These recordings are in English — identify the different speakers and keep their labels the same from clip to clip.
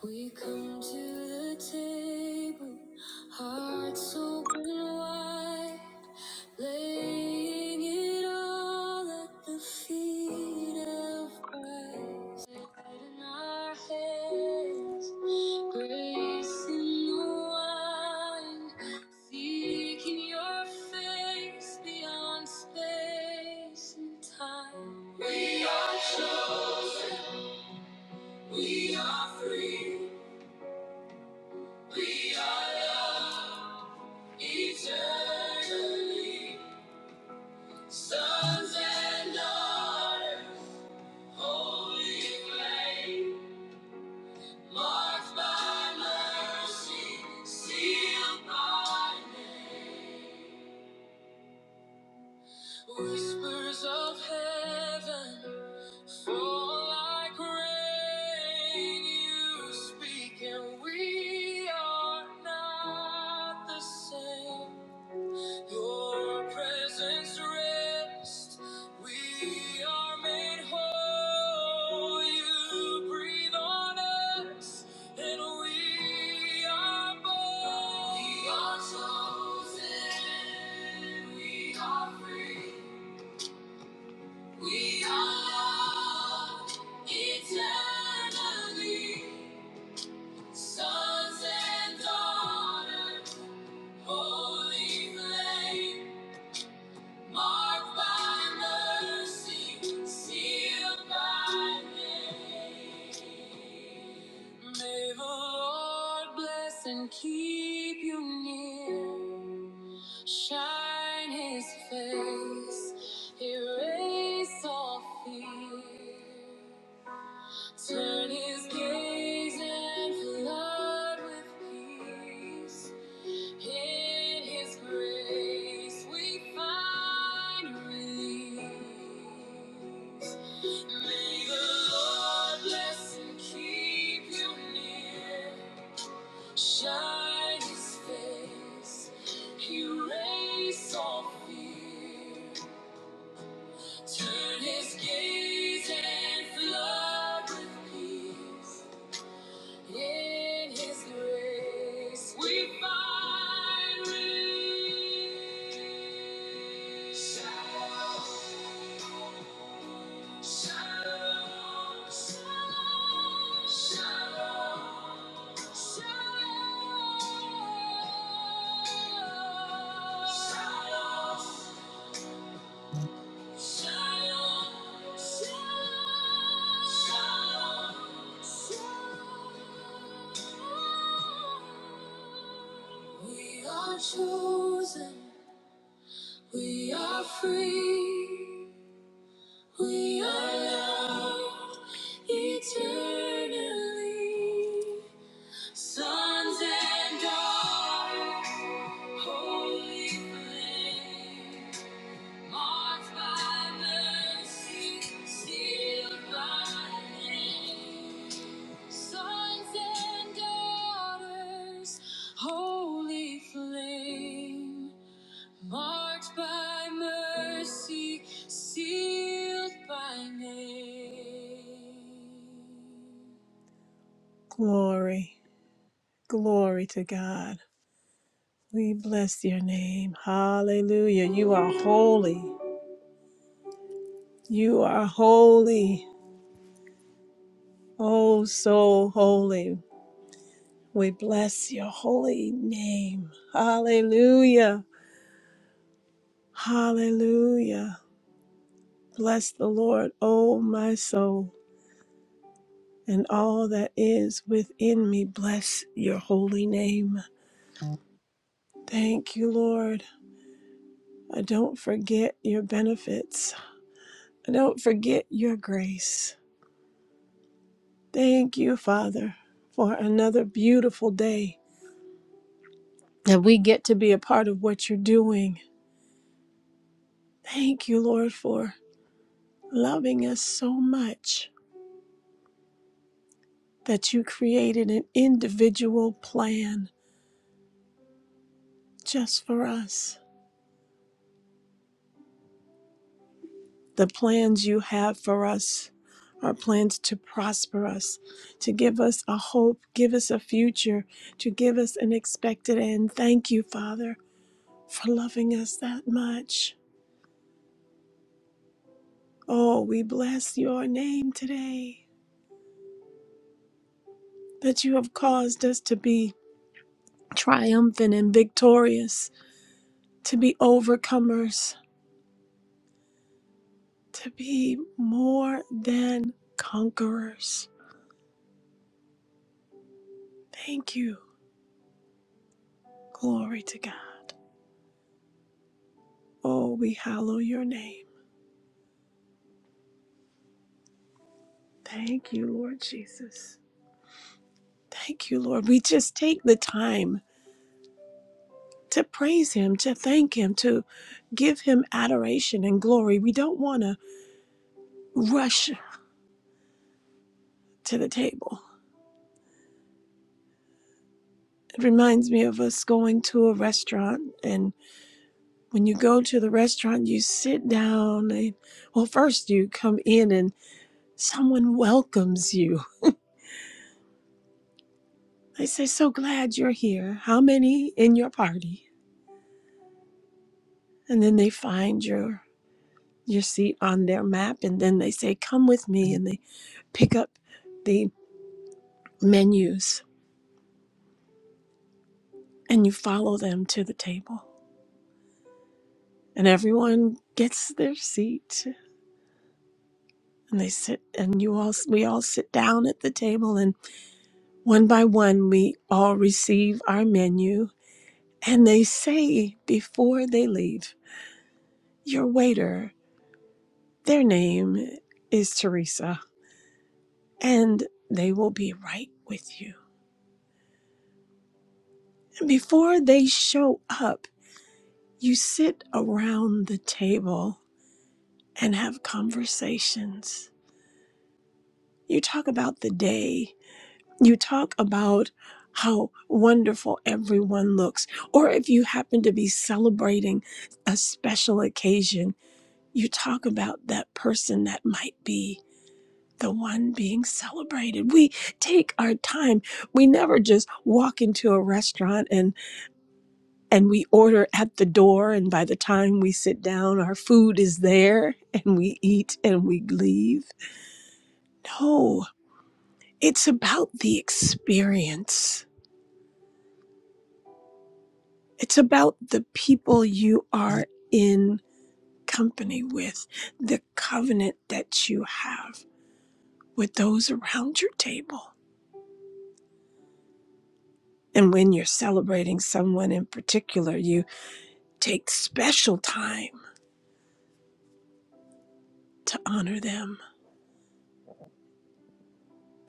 Speaker 1: We come to the table, hearts open wide, laying it all at the feet of Christ. Head in our hands, grace in the wine, seeking your face beyond space and time. We are chosen, we are free. We are loved eternally, sons and daughters, holy flame, marked by mercy, sealed by name. Whispers of heaven fall like rain. You speak, and we are not the same. Your presence rest. We are made whole. You breathe on us, and we are born. We are chosen. We are free. We are loved eternally. Sons and daughters, holy flame. Marked by mercy, sealed by name. May the Lord bless and keep you near. Shine his face, erase all fear. Turn his gaze and flood with peace. In His grace we find release. May the Lord bless and keep you near. Shine His face, erase all fear. Turn His gaze and flood with peace. In His grace, we find relief. Shalom, shalom, shalom, shalom, shalom. Shalom, shalom, shalom, We are chosen, we are free, we are loved eternally. Sons and daughters, holy flame. Marked by mercy, sealed by name. Glory, glory to God. We bless your name. Hallelujah. You are holy. You are holy. Oh, so holy. We bless your holy name. Hallelujah. Hallelujah. Bless the Lord, oh my soul, and all that is within me. Bless your holy name. Thank you, Lord. I don't forget your benefits. I don't forget your grace. Thank you, Father, for another beautiful day that we get to be a part of what you're doing. Thank you, Lord, for loving us so much that you created an individual plan just for us. The plans you have for us are plans to prosper us, to give us a hope, give us a future, to give us an expected end. Thank you, Father, for loving us that much. Oh, we bless your name today that you have caused us to be triumphant and victorious, to be overcomers to be more than conquerors. Thank you. Glory to God. Oh, we hallow your name. Thank you, Lord Jesus. Thank you, Lord. We just take the time to praise Him, to thank Him, to give Him adoration and glory. We don't want to rush to the table. It reminds me of us going to a restaurant, and when you go to the restaurant, you sit down. And, well, first you come in and. Someone welcomes you. They say, "So glad you're here. How many in your party?" And then they find your your seat on their map and then they say, "Come with me." And they pick up the menus and you follow them to the table. And everyone gets their seat and they sit and you all we all sit down at the table and one by one we all receive our menu and they say before they leave, "Your waiter Their name is Teresa, and they will be right with you. And before they show up, you sit around the table and have conversations. You talk about the day, you talk about how wonderful everyone looks, or if you happen to be celebrating a special occasion, you talk about that person that might be the one being celebrated. We take our time. We never just walk into a restaurant and and we order at the door and by the time we sit down our food is there and we eat and we leave. No, it's about the experience. It's about the people you are in company with, the covenant that you have with those around your table. And when you're celebrating someone in particular, you. take special time to honor them.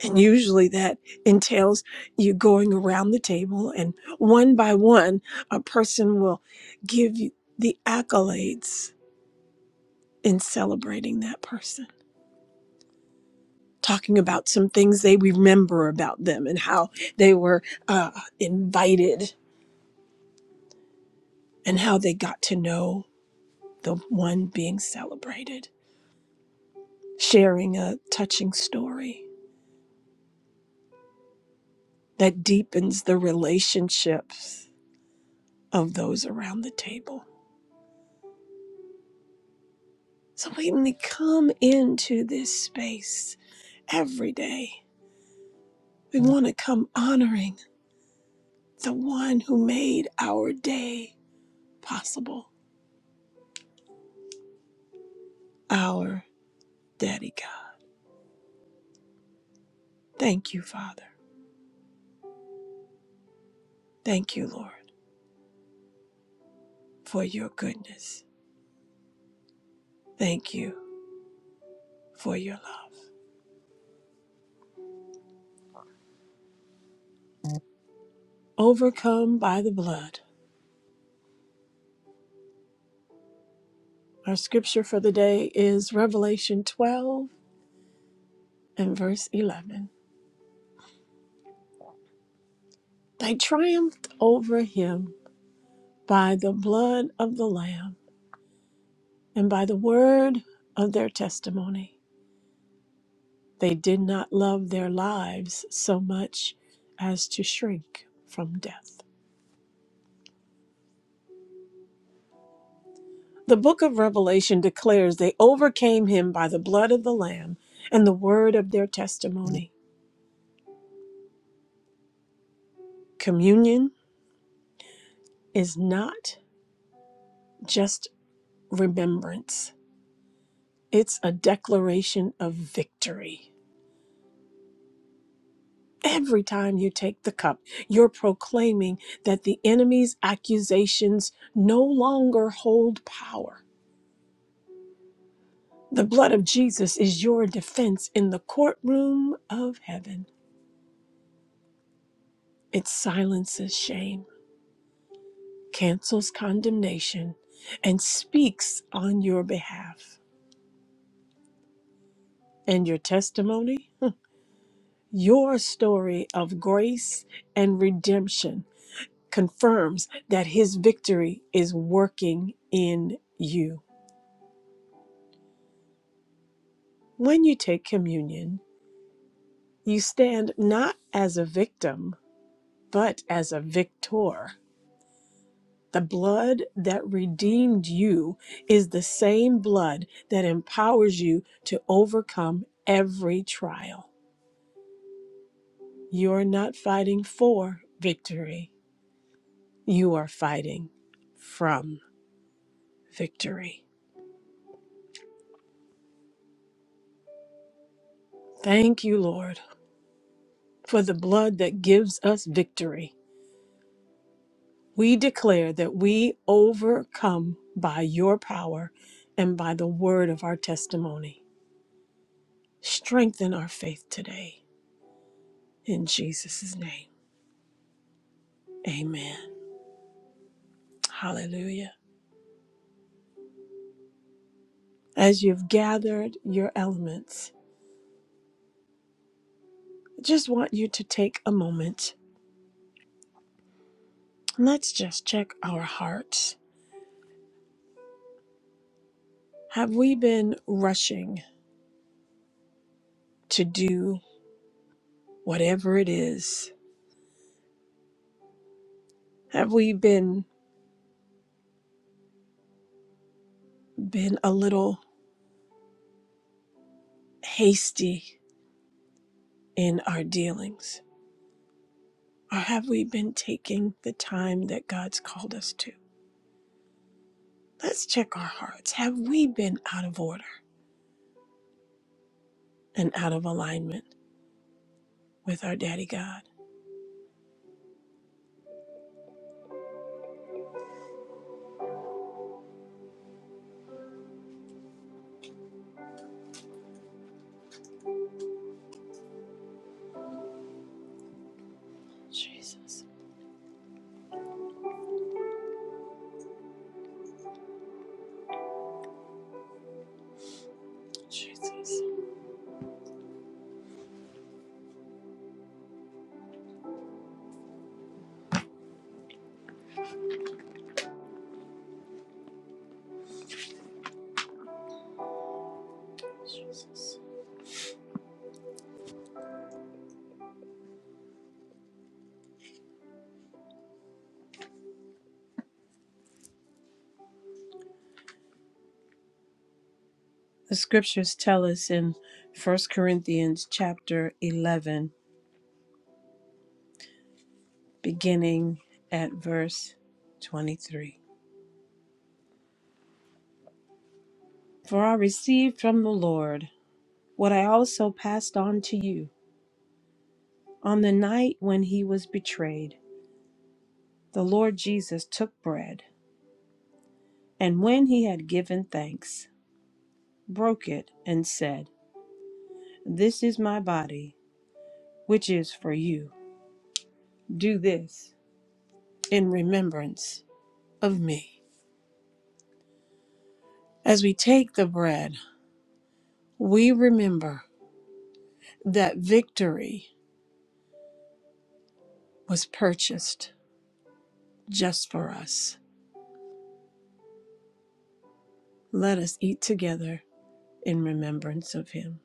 Speaker 1: And usually that entails you going around the table, and one by one, a person will give you the accolades in celebrating that person, talking about some things they remember about them and how they were uh, invited and how they got to know the one being celebrated, sharing a touching story that deepens the relationships of those around the table. So we need to come into this space every day. We want to come honoring the one who made our day possible, our Daddy God. Thank you, Father. Thank you, Lord, for your goodness. Thank you for your love. Overcome by the blood. Our scripture for the day is Revelation 12 and verse 11. They triumphed over him by the blood of the Lamb and by the word of their testimony, they did not love their lives so much as to shrink from death. The book of Revelation declares they overcame him by the blood of the Lamb and the word of their testimony. Communion is not just remembrance, it's a declaration of victory. Every time you take the cup, you're proclaiming that the enemy's accusations no longer hold power. The blood of Jesus is your defense in the courtroom of heaven. It silences shame, cancels condemnation, and speaks on your behalf. And your testimony, your story of grace and redemption confirms that his victory is working in you. When you take communion, you stand not as a victim, but as a victor. The blood that redeemed you is the same blood that empowers you to overcome every trial. You are not fighting for victory, you are fighting from victory. Thank you, Lord, for the blood that gives us victory. We declare that we overcome by your power and by the word of our testimony. Strengthen our faith today in Jesus' name. Amen. Hallelujah. As you've gathered your elements, I just want you to take a moment. Let's just check our hearts. Have we been rushing to do whatever it is? Have we been been a little hasty in our dealings? Or have we been taking the time that God's called us to? Let's check our hearts. Have we been out of order and out of alignment with our daddy God? Jesus. Jesus. The scriptures tell us in First Corinthians chapter 11, beginning at verse 23. For I received from the Lord what I also passed on to you. On the night when he was betrayed, the Lord Jesus took bread. And when he had given thanks, broke it and said, This is my body, which is for you. Do this in remembrance of me. As we take the bread, we remember that victory was purchased just for us. Let us eat together in remembrance of him.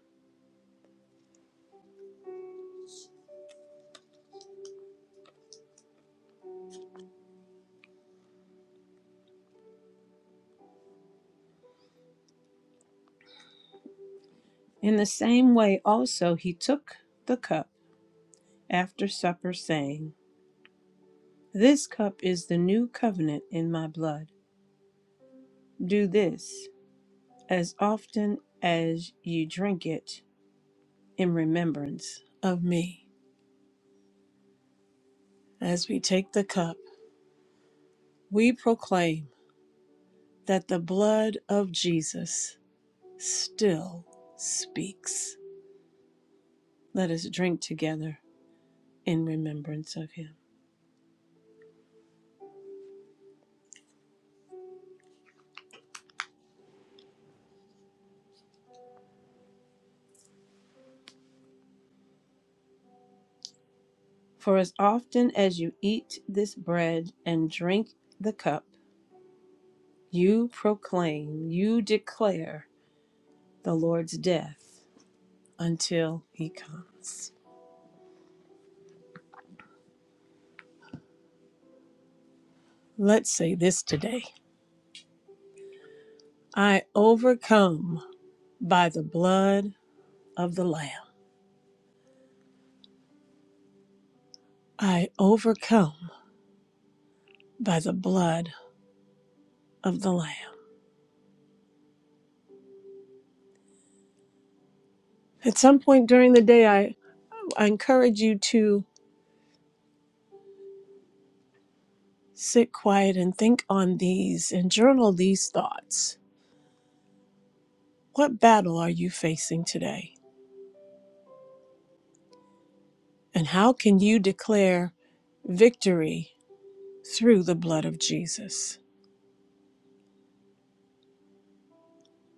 Speaker 1: In the same way, also, he took the cup after supper, saying, This cup is the new covenant in my blood. Do this as often as you drink it in remembrance of me. As we take the cup, we proclaim that the blood of Jesus still speaks. Let us drink together in remembrance of him. For as often as you eat this bread and drink the cup, you proclaim, you declare the Lord's death until he comes. Let's say this today. I overcome by the blood of the Lamb. I overcome by the blood of the Lamb. At some point during the day, I, I encourage you to sit quiet and think on these and journal these thoughts. What battle are you facing today? And how can you declare victory through the blood of Jesus?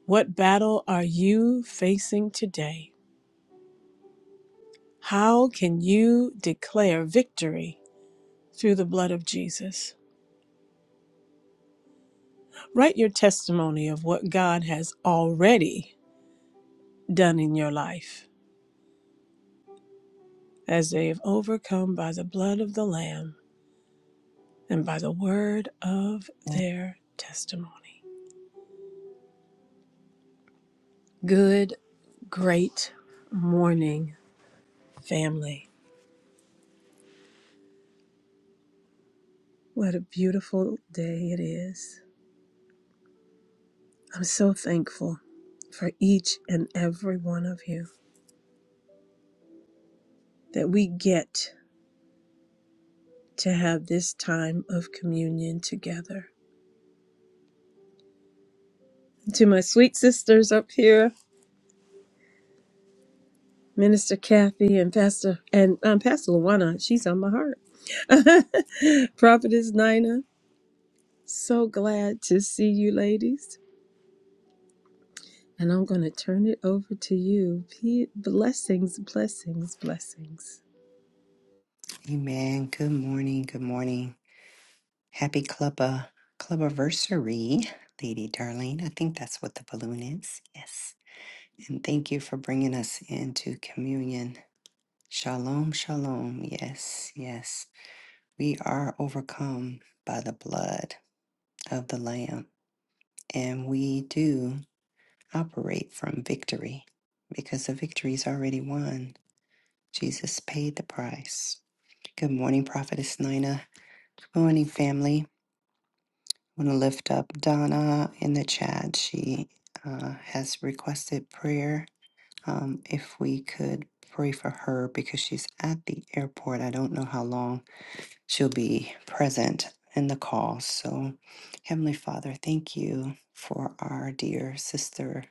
Speaker 1: What battle are you facing today? How can you declare victory through the blood of Jesus. Write your testimony of what God has already done in your life as they have overcome by the blood of the Lamb and by the word of their testimony. Good, great morning, family. What a beautiful day it is. I'm so thankful for each and every one of you that we get to have this time of communion together to my sweet sisters up here, Minister Kathy and Pastor and um, Pastor Luana. She's on my heart. Prophetess Nina. So glad to see you, ladies. And I'm going to turn it over to you. P- Blessings, blessings, blessings.
Speaker 2: Amen. Good morning. Good morning. Happy club uh, club anniversary, Lady Darlene. I think that's what the balloon is. Yes. And thank you for bringing us into communion. Shalom, shalom. Yes, yes. We are overcome by the blood of the Lamb, and we do operate from victory because the victory is already won. Jesus paid the price. Good morning, Prophetess Nina. Good morning, family. I want to lift up Donna in the chat. She uh, has requested prayer. Um, if we could pray for her because she's at the airport. I don't know how long she'll be present in the call. So, Heavenly Father, thank you for our dear sister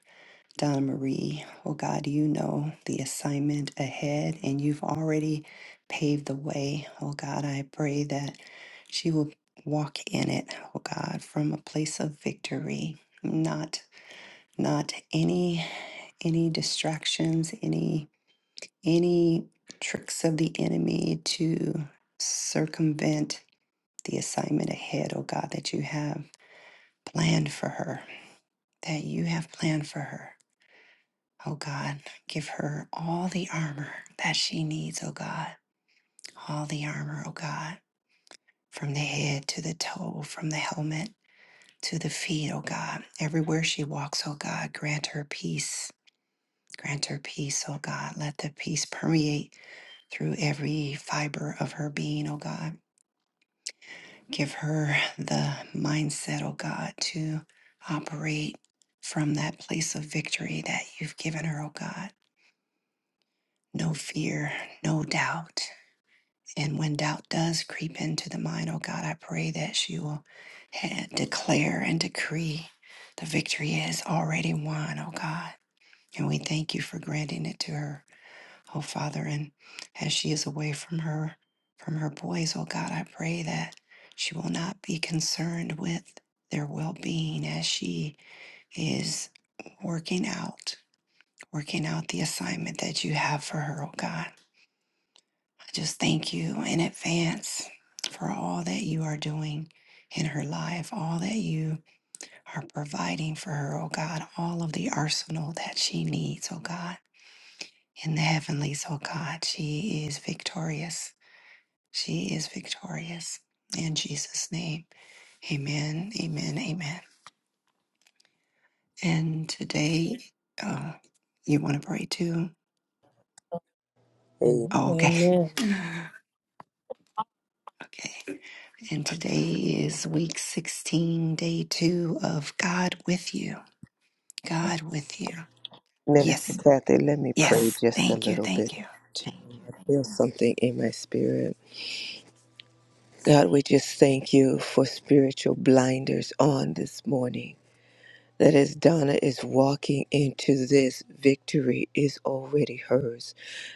Speaker 2: Donna Marie, oh God, you know the assignment ahead and you've already paved the way. Oh God, I pray that she will walk in it, oh God, from a place of victory, not not any any distractions, any any tricks of the enemy to circumvent the assignment ahead, oh God, that you have planned for her, that you have planned for her. Oh God, give her all the armor that she needs, oh God. All the armor, oh God, from the head to the toe, from the helmet to the feet, oh God. Everywhere she walks, oh God, grant her peace. Grant her peace, oh God. Let the peace permeate through every fiber of her being, oh God. Give her the mindset, oh God, to operate from that place of victory that you've given her, oh God. No fear, no doubt, And when doubt does creep into the mind, oh God, I pray that she will ha- declare and decree the victory is already won, oh God. And we thank you for granting it to her, oh Father. And as she is away from her, from her boys, oh God, I pray that she will not be concerned with their well being as she is working out, working out the assignment that you have for her, oh God. I just thank you in advance for all that you are doing in her life, all that you are providing for her, oh God, all of the arsenal that she needs, oh God, in the heavenlies, oh God. She is victorious. She is victorious. In Jesus' name, amen, amen, amen. And today, uh, you want to pray too?
Speaker 3: Hey,
Speaker 1: And
Speaker 2: Oh, okay.
Speaker 1: Amen.
Speaker 2: okay. And today is week 16, day two of God with you. God with you.
Speaker 3: Minister
Speaker 2: Yes,
Speaker 3: Kathy, let me pray
Speaker 2: yes.
Speaker 3: just a
Speaker 2: Thank you,
Speaker 3: little bit.
Speaker 2: thank you.
Speaker 3: I feel something in my spirit. God, we just thank you for spiritual blinders on this morning. That as Donna is walking into this, victory is already hers.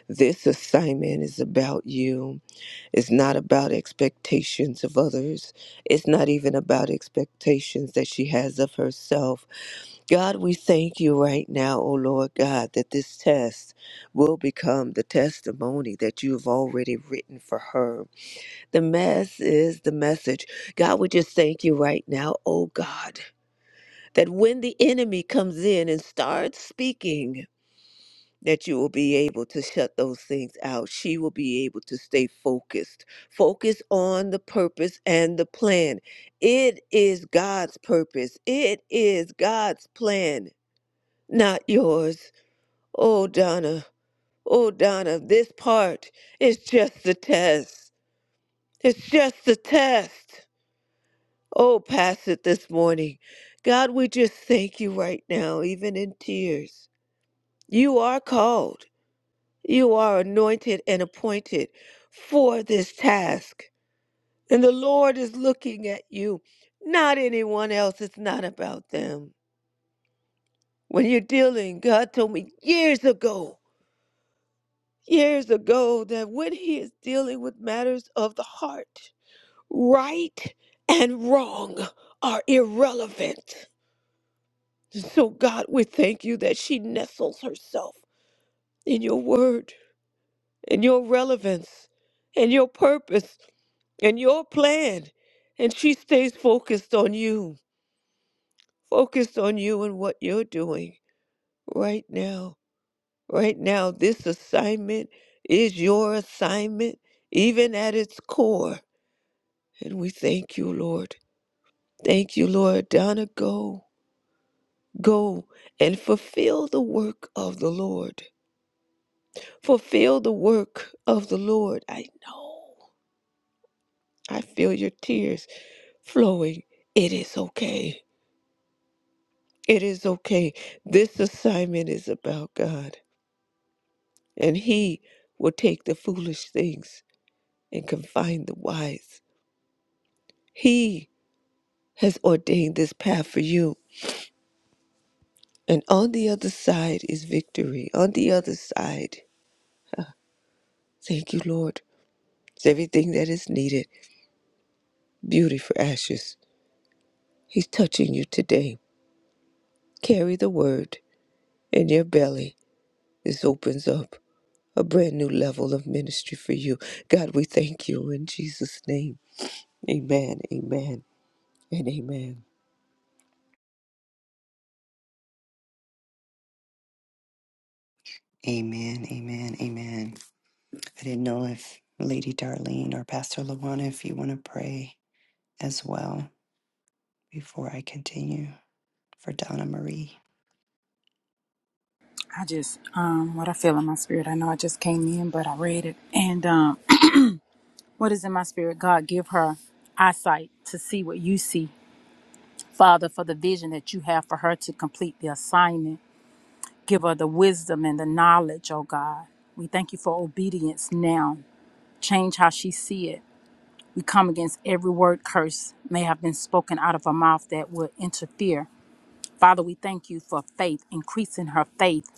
Speaker 3: This assignment is about you. It's not about expectations of others. It's not even about expectations that she has of herself. God, we thank you right now, O Lord God, that this test will become the testimony that you have already written for her. The mess is the message. God, we just thank you right now, O God, that when the enemy comes in and starts speaking, that you will be able to shut those things out. She will be able to stay focused. Focus on the purpose and the plan. It is God's purpose. It is God's plan not yours. Oh, Donna, oh, Donna, this part is just the test. It's just the test. Oh, pass it this morning. God, we just thank you right now, even in tears. You are called, you are anointed and appointed for this task. And the Lord is looking at you, not anyone else. It's not about them. When you're dealing, God told me years ago. years ago that when he is dealing with matters of the heart, right and wrong are irrelevant. So, God, we thank you that she nestles herself in your word in your relevance in your purpose in your plan. And she stays focused on you, focused on you and what you're doing right now. Right now, this assignment is your assignment, even at its core And we thank you, Lord. Thank you, Lord. Donna, go, go and fulfill the work of the Lord. Fulfill the work of the Lord. I know. I feel your tears flowing. It is okay. It is okay. This assignment is about God, and He will take the foolish things and confine the wise. He has ordained this path for you. And on the other side is victory. On the other side Thank you, Lord. It's everything that is needed. Beauty for ashes. He's touching you today. Carry the word in your belly. This opens up a brand new level of ministry for you. God, we thank you in Jesus' name. Amen, amen, and amen.
Speaker 2: Amen, amen, amen. I didn't know if Lady Darlene or Pastor Lawana, if you want to pray as well before I continue for Donna Marie.
Speaker 4: I just um what I feel in my spirit. I know I just came in, but I read it. And um what is in my spirit? God give her eyesight to see what you see. Father, for the vision that you have for her to complete the assignment. Give her the wisdom and the knowledge, oh God. We thank you for obedience now. Change how she see it. We come against every word curse may have been spoken out of her mouth that would interfere. Father, we thank you for faith, increasing her faith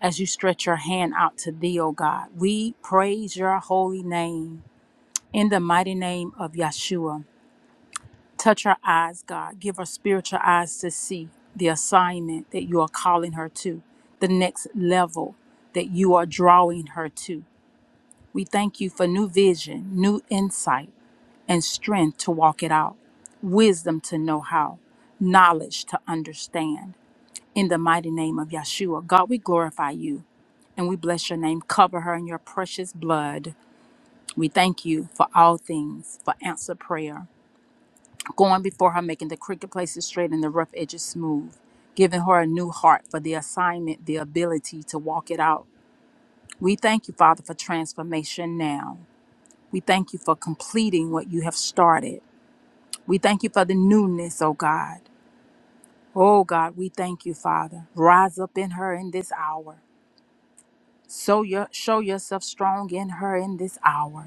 Speaker 4: as you stretch your hand out to thee, O God. We praise your holy name in the mighty name of Yeshua. Touch her eyes, God. Give her spiritual eyes to see the assignment that you are calling her to, the next level that you are drawing her to. We thank you for new vision, new insight, and strength to walk it out, wisdom to know how, knowledge to understand. In the mighty name of Yeshua, God, we glorify you and we bless your name. Cover her in your precious blood. We thank you for all things, for answer prayer, going before her, making the crooked places straight and the rough edges smooth, giving her a new heart for the assignment, the ability to walk it out. We thank you, Father, for transformation now. We thank you for completing what you have started. We thank you for the newness, oh God. Oh God, we thank you, Father. Rise up in her in this hour. So your, show yourself strong in her in this hour.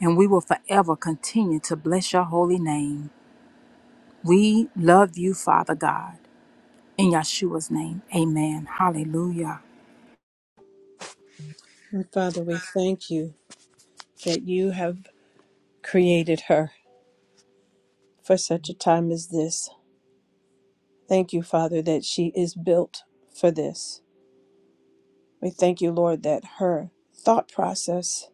Speaker 4: and we will forever continue to bless your holy name. We love you, Father God. In Yeshua's name, amen. Hallelujah.
Speaker 1: And Father, we thank you that you have created her for such a time as this. Thank you, Father, that she is built for this. We thank you, Lord, that her thought process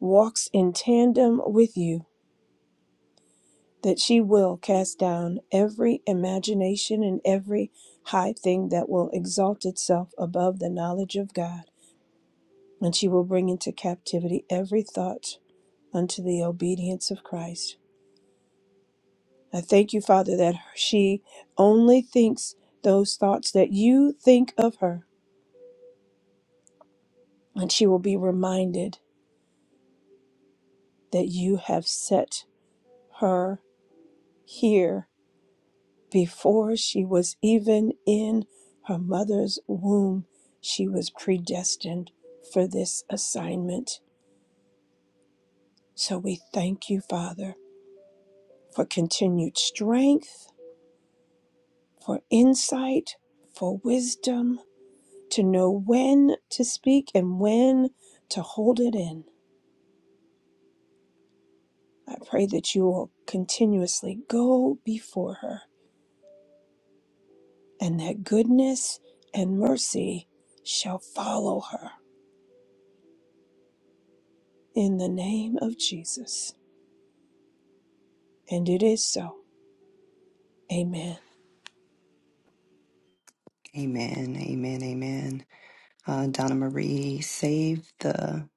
Speaker 1: walks in tandem with you, that she will cast down every imagination and every high thing that will exalt itself above the knowledge of God, and she will bring into captivity every thought unto the obedience of Christ. I thank you, Father, that she only thinks those thoughts that you think of her, and she will be reminded that you have set her here Before she was even in her mother's womb, she was predestined for this assignment. So we thank you, Father, for continued strength, for insight, for wisdom, to know when to speak and when to hold it in. I pray that you will continuously go before her and that goodness and mercy shall follow her. In the name of Jesus. And it is so. Amen.
Speaker 2: Amen, amen, amen. Uh, Donna Marie, save the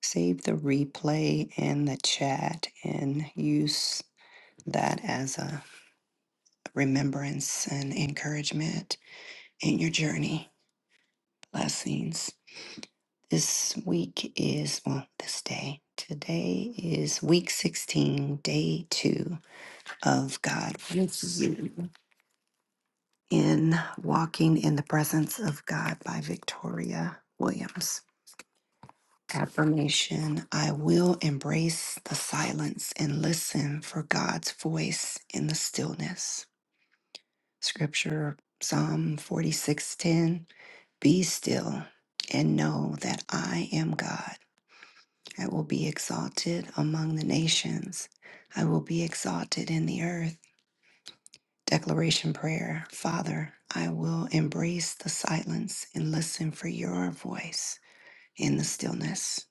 Speaker 2: save the replay and the chat and use that as a remembrance and encouragement in your journey. Blessings. This week is, well, this day. Today is week 16, day two of God with you in Walking in the Presence of God by Victoria Williams. Affirmation I will embrace the silence and listen for God's voice in the stillness. Scripture Psalm 46:10 Be still and know that I am God. I will be exalted among the nations. I will be exalted in the earth. Declaration prayer Father, I will embrace the silence and listen for your voice in the stillness.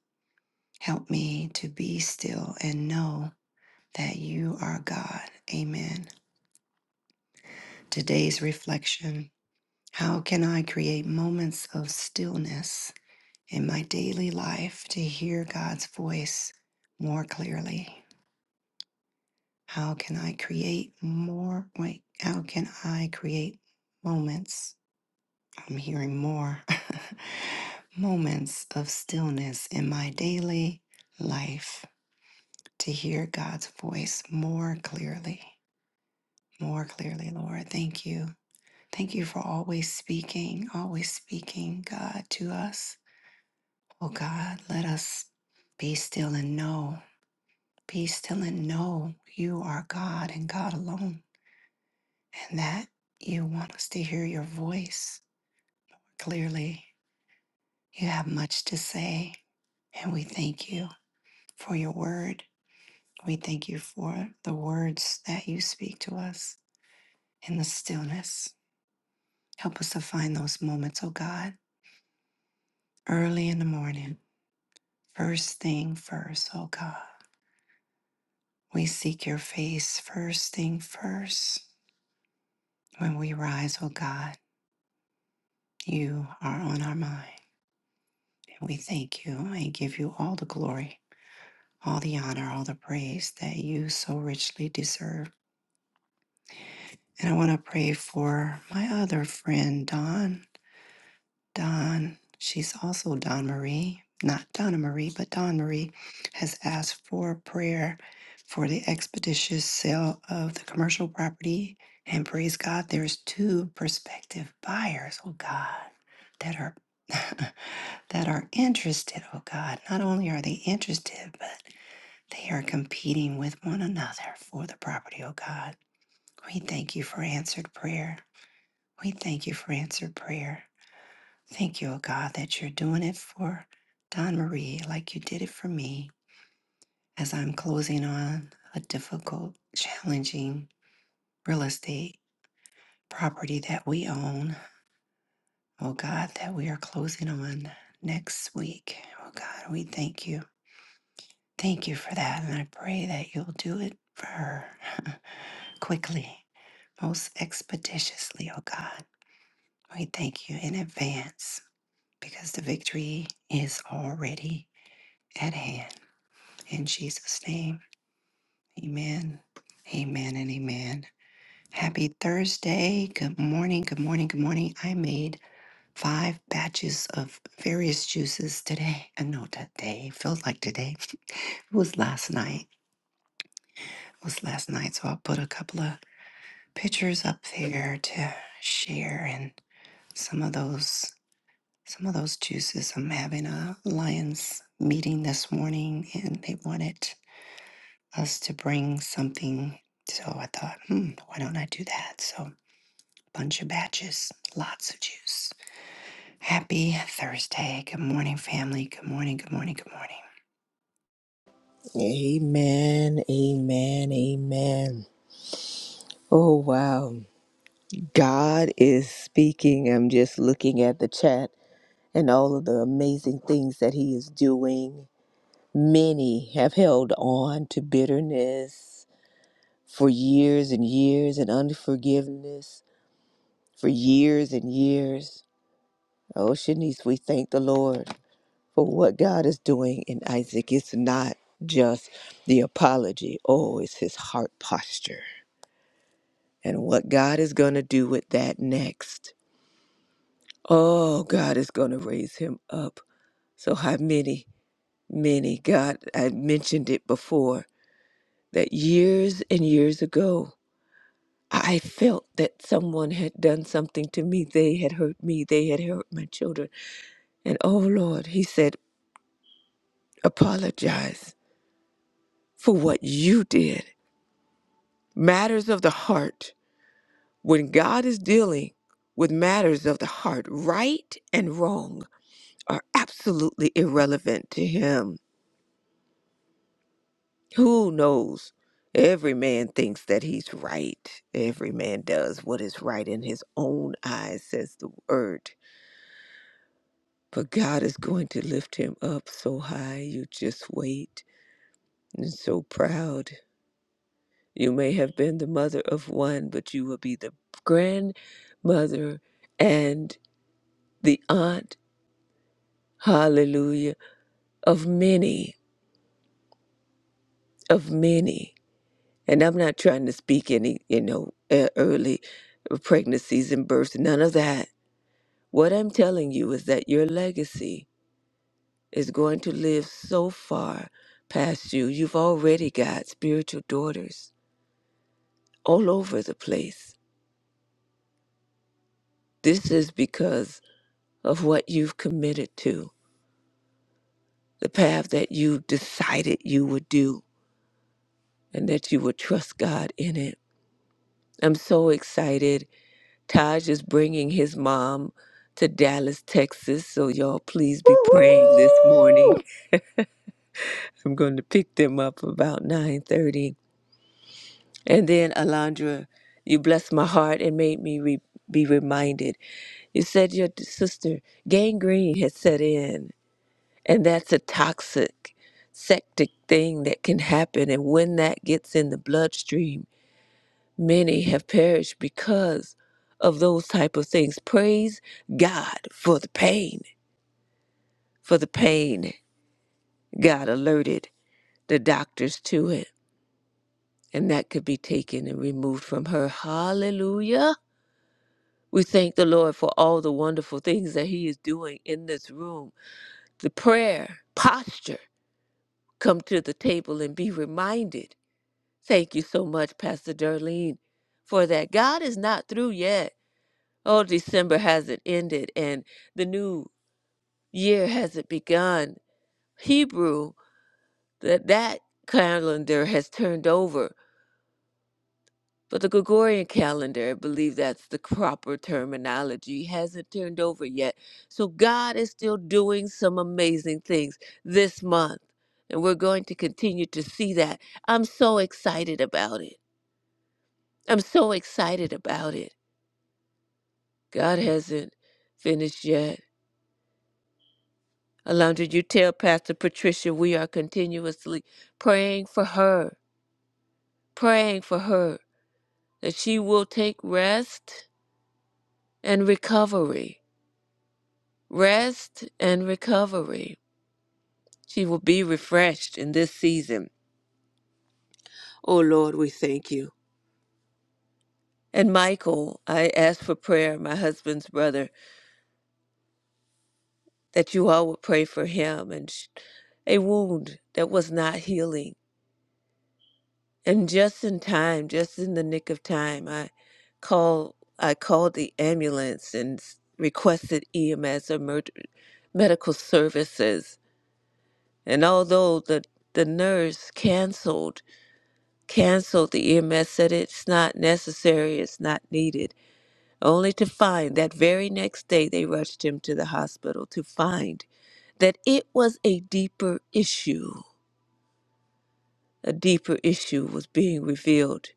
Speaker 2: Help me to be still and know that you are God. Amen. Today's reflection How can I create moments of stillness in my daily life to hear God's voice more clearly? How can I create more? Wait, how can I create moments? I'm hearing more moments of stillness in my daily life to hear God's voice more clearly, more clearly, Lord. Thank you. Thank you for always speaking, always speaking, God, to us. Oh, God, let us be still and know. Be still and know you are God and God alone, and that you want us to hear your voice clearly. You have much to say, and we thank you for your word. We thank you for the words that you speak to us in the stillness. Help us to find those moments, oh God, early in the morning, first thing first, oh God. We seek your face first thing first. When we rise, oh God, you are on our mind. We thank you and give you all the glory, all the honor, all the praise that you so richly deserve. And I want to pray for my other friend, Don. Don, she's also Don Marie, not Donna Marie, but Don Marie, has asked for prayer for the expeditious sale of the commercial property. And praise God, there's two prospective buyers, oh God, that are that are interested, oh God. Not only are they interested, but they are competing with one another for the property, oh God. We thank you for answered prayer. We thank you for answered prayer. Thank you, O God, that you're doing it for Don Marie like you did it for me as I'm closing on a difficult, challenging real estate property that we own. Oh God, that we are closing on next week. Oh God, we thank you. Thank you for that. And I pray that you'll do it for her quickly, most expeditiously, oh God. We thank you in advance because the victory is already at hand. In Jesus' name. Amen. Amen and amen. Happy Thursday. Good morning. Good morning. Good morning. I made five batches of various juices today. I know that day felt like today. It was last night. It was last night. So I'll put a couple of pictures up there to share and some of those some of those juices. I'm having a Lions meeting this morning and they wanted us to bring something. So I thought, hmm, why don't I do that? So bunch of batches, lots of juice. Happy Thursday. Good morning, family. Good morning, good morning, good morning.
Speaker 3: Amen. Amen. Amen. Oh, wow. God is speaking. I'm just looking at the chat and all of the amazing things that He is doing. Many have held on to bitterness for years and years and unforgiveness for years and years. Oh, Shanice, we thank the Lord for what God is doing in Isaac. It's not just the apology, oh, it's his heart posture and what God is going to do with that next. Oh, God is going to raise him up. So, how many, many, God, I mentioned it before that years and years ago. I felt that someone had done something to me. They had hurt me. They had hurt my children. And oh Lord, he said, apologize for what you did. Matters of the heart. When God is dealing with matters of the heart, right and wrong are absolutely irrelevant to him. Who knows? Every man thinks that he's right. Every man does what is right in his own eyes, says the word. But God is going to lift him up so high, you just wait and so proud. You may have been the mother of one, but you will be the grandmother and the aunt, hallelujah, of many, of many. And I'm not trying to speak any, you know, e- early pregnancies and births, none of that. What I'm telling you is that your legacy is going to live so far past you. You've already got spiritual daughters all over the place. This is because of what you've committed to, the path that you decided you would do, and that you would trust God in it. I'm so excited. Taj is bringing his mom to Dallas, Texas, so y'all please be praying this morning. I'm going to pick them up about 9:30. And then Alondra, you blessed my heart and made me re- be reminded. You said your d- sister gangrene had set in And that's a toxic, septic thing that can happen. And when that gets in the bloodstream, many have perished because of those type of things. Praise God for the pain, for the pain. God alerted the doctors to it. And that could be taken and removed from her. Hallelujah. We thank the Lord for all the wonderful things that He is doing in this room. The prayer posture come to the table and be reminded Thank you so much, Pastor Darlene, for that. God is not through yet. Oh, December hasn't ended and the new year hasn't begun. Hebrew, that that calendar has turned over, but the Gregorian calendar, I believe that's the proper terminology, hasn't turned over yet. So God is still doing some amazing things this month, and we're going to continue to see that. I'm so excited about it. I'm so excited about it. God hasn't finished yet. Alondra, you tell Pastor Patricia we are continuously praying for her, praying for her that she will take rest and recovery, rest and recovery. She will be refreshed in this season. Oh Lord, we thank you. And Michael, I ask for prayer, my husband's brother, that you all would pray for him and sh- a wound that was not healing And just in time, just in the nick of time, I call I called the ambulance and s- requested EMS or emer- medical services. And although the the nurse canceled canceled the EMS said it's not necessary, it's not needed. Only to find that very next day they rushed him to the hospital to find that it was a deeper issue. A deeper issue was being revealed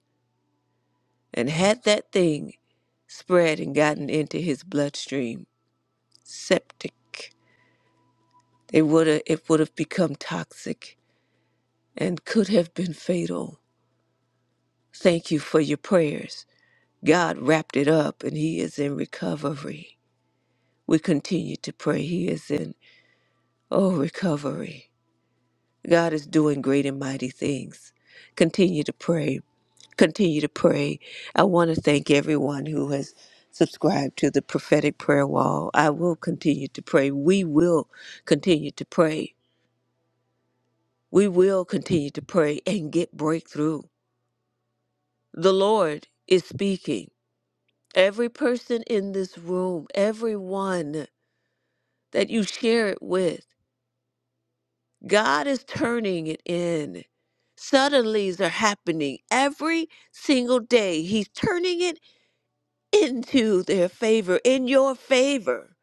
Speaker 3: And had that thing spread and gotten into his bloodstream, septic, it would have it would have become toxic and could have been fatal. Thank you for your prayers. God wrapped it up and he is in recovery. We continue to pray. He is in oh recovery. God is doing great and mighty things. Continue to pray continue to pray. I want to thank everyone who has subscribed to the prophetic prayer wall. I will continue to pray. We will continue to pray. We will continue to pray and get breakthrough. The Lord is speaking. Every person in this room, everyone that you share it with, God is turning it in. Suddenlies are happening every single day. He's turning it into their favor, in your favor,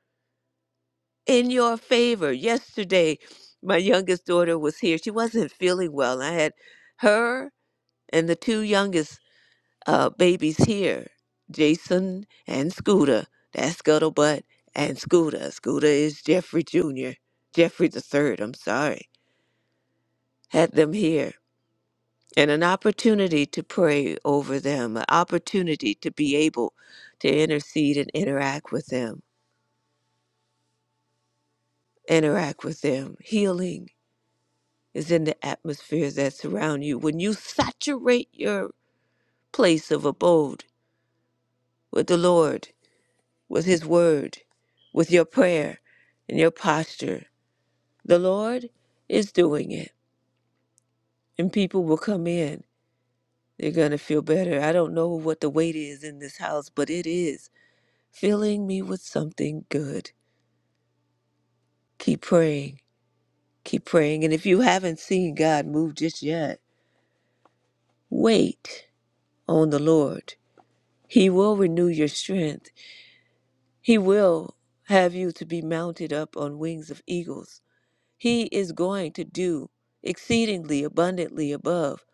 Speaker 3: in your favor. Yesterday, my youngest daughter was here. She wasn't feeling well. I had her and the two youngest uh, babies here, Jason and Scooter. That's Scuttlebutt and Scooter. Scooter is Jeffrey Jr., Jeffrey the third. I'm sorry. Had them here. And an opportunity to pray over them, an opportunity to be able to intercede and interact with them interact with them. Healing is in the atmospheres that surround you. When you saturate your place of abode with the Lord, with His Word, with your prayer and your posture, the Lord is doing it. And people will come in. They're going to feel better. I don't know what the weight is in this house, but it is filling me with something good. Keep praying. Keep praying. And if you haven't seen God move just yet, wait on the Lord He will renew your strength. He will have you to be mounted up on wings of eagles. He is going to do exceedingly abundantly above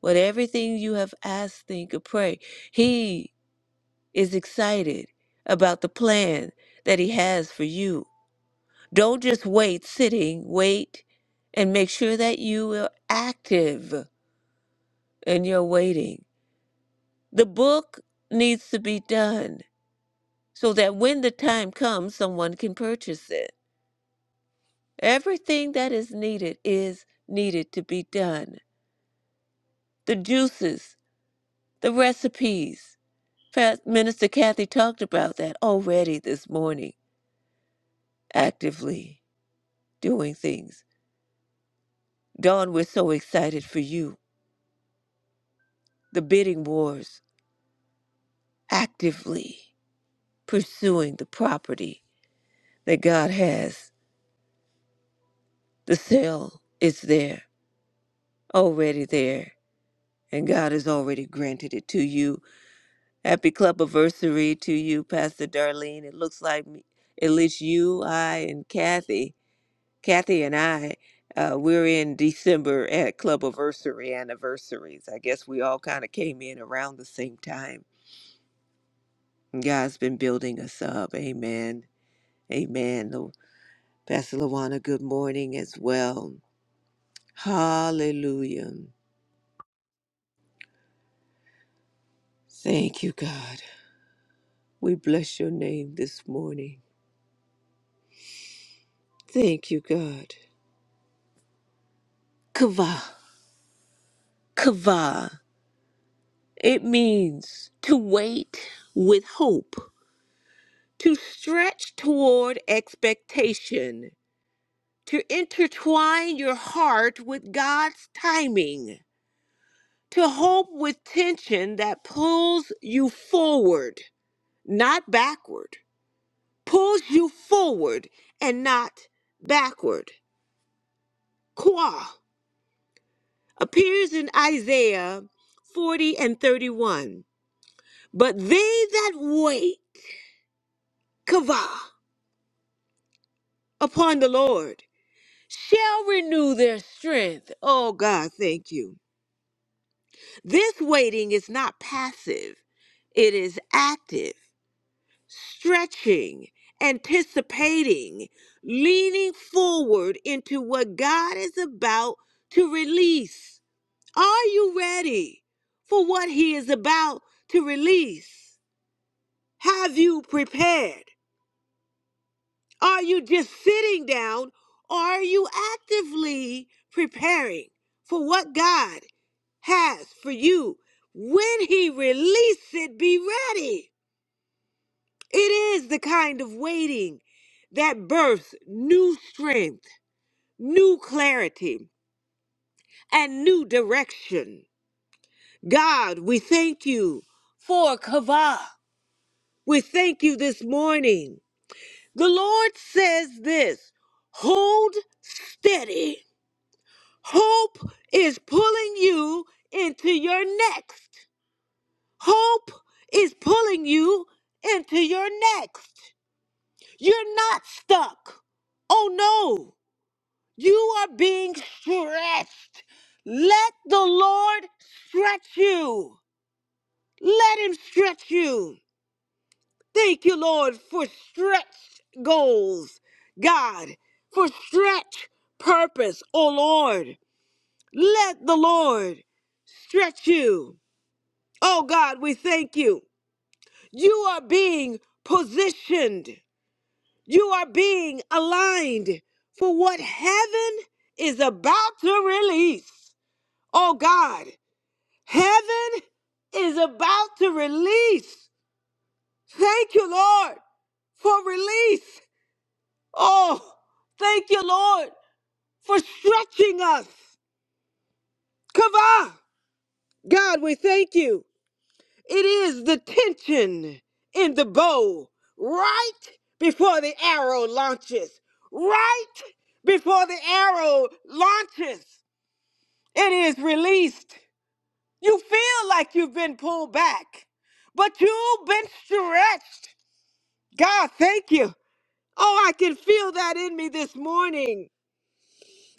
Speaker 3: what everything you have asked, think, or pray. He is excited about the plan that He has for you. Don't just wait, sitting, wait, and make sure that you are active in your waiting. The book needs to be done. so that when the time comes, someone can purchase it. Everything that is needed is needed to be done. The juices, the recipes. Fa- Minister Kathy talked about that already this morning, actively doing things. Dawn, we're so excited for you. The bidding wars, actively pursuing the property that God has. The sale is there, already there, and God has already granted it to you Happy club anniversary to you, Pastor Darlene. It looks like me, at least you, I, and Kathy, Kathy and I, uh, we're in December at club anniversary anniversaries. I guess we all kind of came in around the same time. God's been building us up. Amen. Amen. Lo- Pastor Lawana, good morning as well. Hallelujah. Thank you, God. We bless your name this morning. Thank you, God. Kava. Kava. It means to wait with hope, to stretch toward expectation, to intertwine your heart with God's timing, to hope with tension that pulls you forward, not backward, pulls you forward and not backward. Qua appears in Isaiah 40 and 31. But they that wait, kava. upon the Lord shall renew their strength. Oh God, thank you. This waiting is not passive, it is active, stretching, anticipating, leaning forward into what God is about to release. Are you ready for what He is about to release? Have you prepared? Are you just sitting down? Or are you actively preparing for what God has for you? When He releases it, be ready. It is the kind of waiting that births new strength, new clarity, and new direction. God, we thank you for Kavah. We thank you this morning. The Lord says this hold steady Hope is pulling you into your next. Hope is pulling you into your next. You're not stuck. Oh no, you are being stretched. Let the Lord stretch you. Let Him stretch you. Thank you, Lord, for stretch goals, God, for stretch purpose, oh Lord. Let the Lord stretch you. Oh God, we thank you. You are being positioned, you are being aligned for what heaven is about to release. Oh God, heaven is about to release. Thank you, Lord, for release. Oh, thank you, Lord, for stretching us. Kava, God, we thank you. It is the tension in the bow right before the arrow launches. Right before the arrow launches, it is released. You feel like you've been pulled back, but you've been stretched. God, thank you. Oh, I can feel that in me this morning.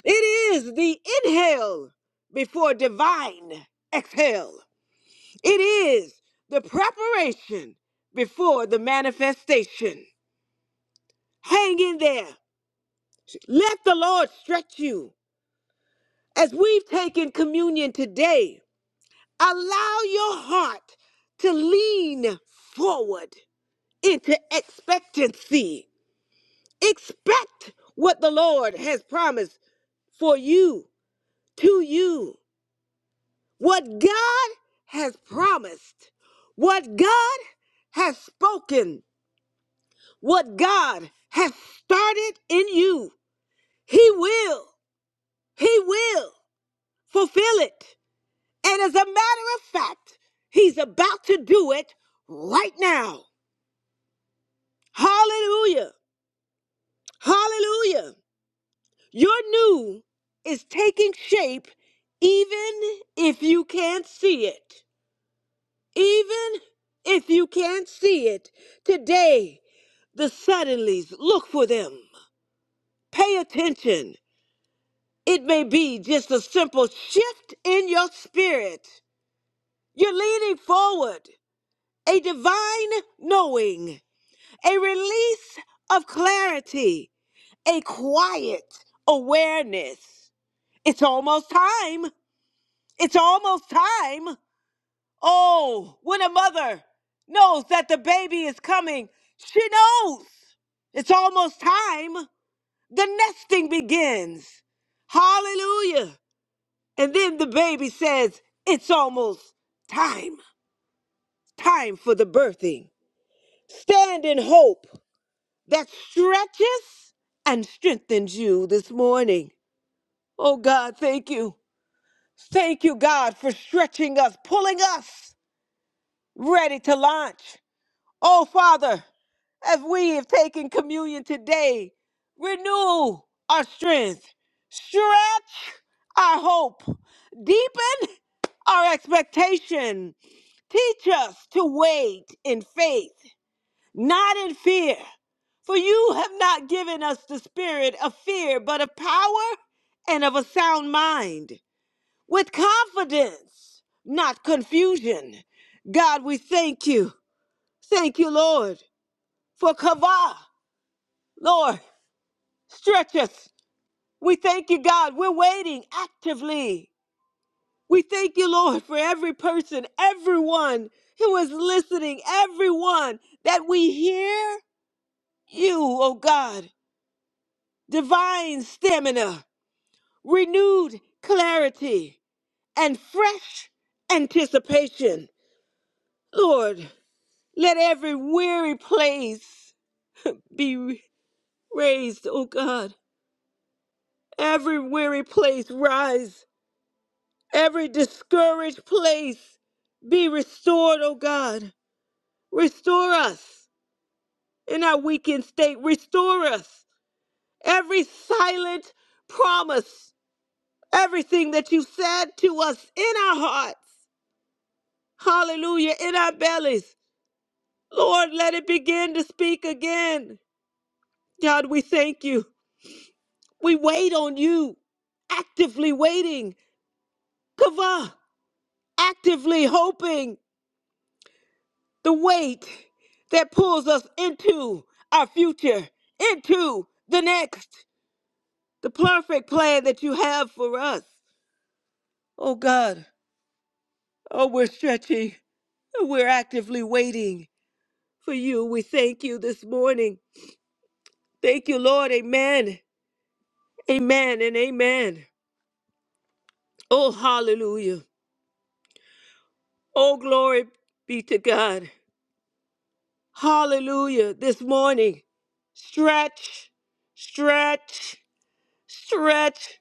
Speaker 3: It is the inhale before divine exhale. It is the preparation before the manifestation. Hang in there. Let the Lord stretch you. As we've taken communion today, allow your heart to lean forward into expectancy. Expect what the Lord has promised for you, to you. What God has promised, what God has spoken What God has started in you, He will, He will fulfill it. And as a matter of fact, He's about to do it right now. Hallelujah. Hallelujah. Your new is taking shape even if you can't see it. Even if you can't see it. Today, the suddenlies, look for them. Pay attention It may be just a simple shift in your spirit. You're leaning forward, a divine knowing, a release of clarity, a quiet awareness. It's almost time. It's almost time. Oh, when a mother knows that the baby is coming, she knows it's almost time. The nesting begins. Hallelujah. And then the baby says, It's almost time, time for the birthing. Stand in hope that stretches and strengthens you this morning. Oh God, thank you. Thank you, God, for stretching us, pulling us ready to launch. Oh Father, as we have taken communion today, renew our strength, stretch our hope, deepen our expectation, Teach us to wait in faith, not in fear. For you have not given us the spirit of fear, but of power and of a sound mind, with confidence, not confusion. God, we thank you. Thank you, Lord, for Kavah. Lord, stretch us. We thank you, God. We're waiting actively We thank you, Lord, for every person, everyone who is listening, everyone that we hear you, oh God, divine stamina, renewed clarity, and fresh anticipation. Lord, let every weary place be raised, oh God. Every weary place rise. Every discouraged place be restored, oh God. Restore us. in our weakened state. Restore us. Every silent promise, everything that you said to us in our hearts, hallelujah, in our bellies. Lord, let it begin to speak again. God, we thank you. We wait on you, actively waiting. Kava, actively hoping the wait that pulls us into our future, into the next, the perfect plan that you have for us. Oh God, oh, we're stretching. We're actively waiting for you. We thank you this morning. Thank you, Lord. Amen. Amen and amen. Oh, hallelujah. Oh, glory be to God. Hallelujah. This morning, stretch, stretch, stretch.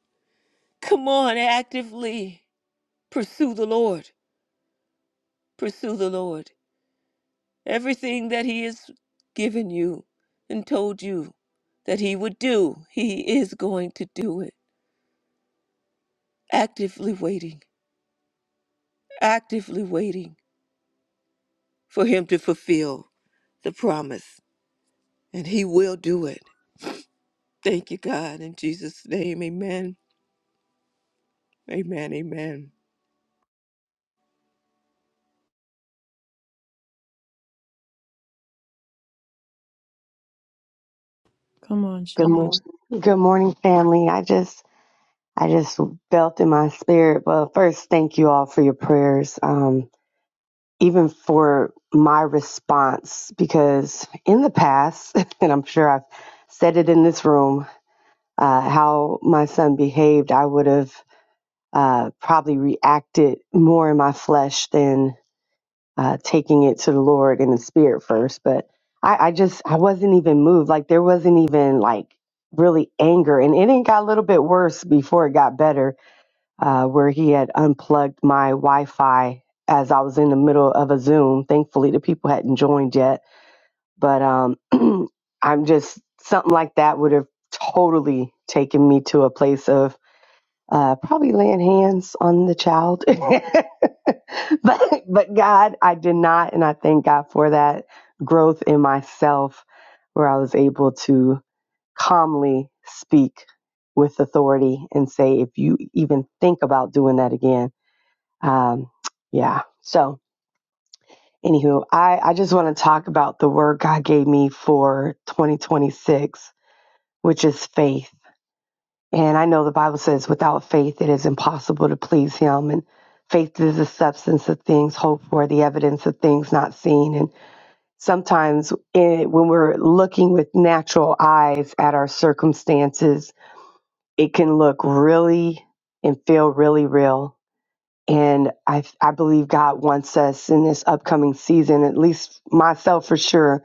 Speaker 3: Come on, actively pursue the Lord. Pursue the Lord. Everything that He has given you and told you that He would do, He is going to do it. Actively waiting, actively waiting for Him to fulfill the promise. And He will do it. Thank you, God. In Jesus' name, amen. Amen. Amen.
Speaker 1: Come on,
Speaker 5: Good
Speaker 1: Shanice.
Speaker 5: morning. Good morning, family. I just I just felt in my spirit. Well, first, thank you all for your prayers. Um, even for my response, because in the past, and I'm sure I've said it in this room, uh, how my son behaved, I would have uh, probably reacted more in my flesh than uh, taking it to the Lord in the spirit first. But I, I just, I wasn't even moved. Like there wasn't even like really anger. And it even got a little bit worse before it got better, uh, where he had unplugged my Wi Fi as I was in the middle of a Zoom. Thankfully, the people hadn't joined yet. But um, I'm just, something like that would have totally taken me to a place of uh, probably laying hands on the child. but but God, I did not, and I thank God for that growth in myself, where I was able to calmly speak with authority and say, if you even think about doing that again, um, yeah. So anywho, I I just want to talk about the word God gave me for 2026, which is faith and I know the Bible says, without faith, it is impossible to please him. And faith is the substance of things hoped for, the evidence of things not seen. And sometimes in, when we're looking with natural eyes at our circumstances, it can look really and feel really real. And I, I believe God wants us in this upcoming season, at least myself for sure,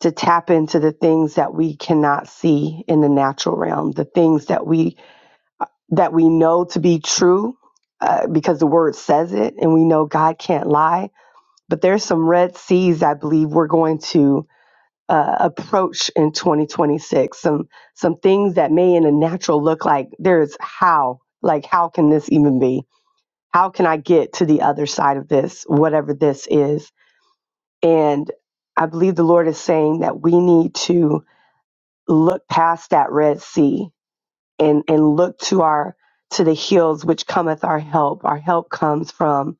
Speaker 5: to tap into the things that we cannot see in the natural realm, the things that we that we know to be true uh, because the word says it and we know God can't lie. But there's some red seas I believe we're going to uh, approach in 2026. Some some things that may in a natural look like there's how like how can this even be? How can I get to the other side of this whatever this is? And I believe the Lord is saying that we need to look past that red sea and and look to our to the hills which cometh our help our help comes from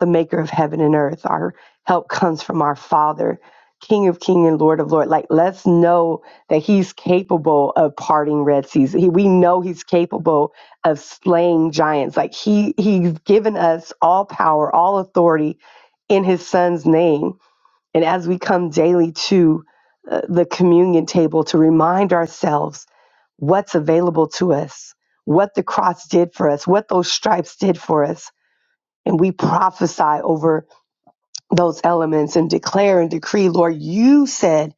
Speaker 5: the maker of heaven and earth our help comes from our father king of king and lord of lord like let's know that he's capable of parting red seas he, we know he's capable of slaying giants like he he's given us all power all authority in his son's name and as we come daily to uh, the communion table to remind ourselves what's available to us, what the cross did for us, what those stripes did for us. And we prophesy over those elements and declare and decree, Lord, you said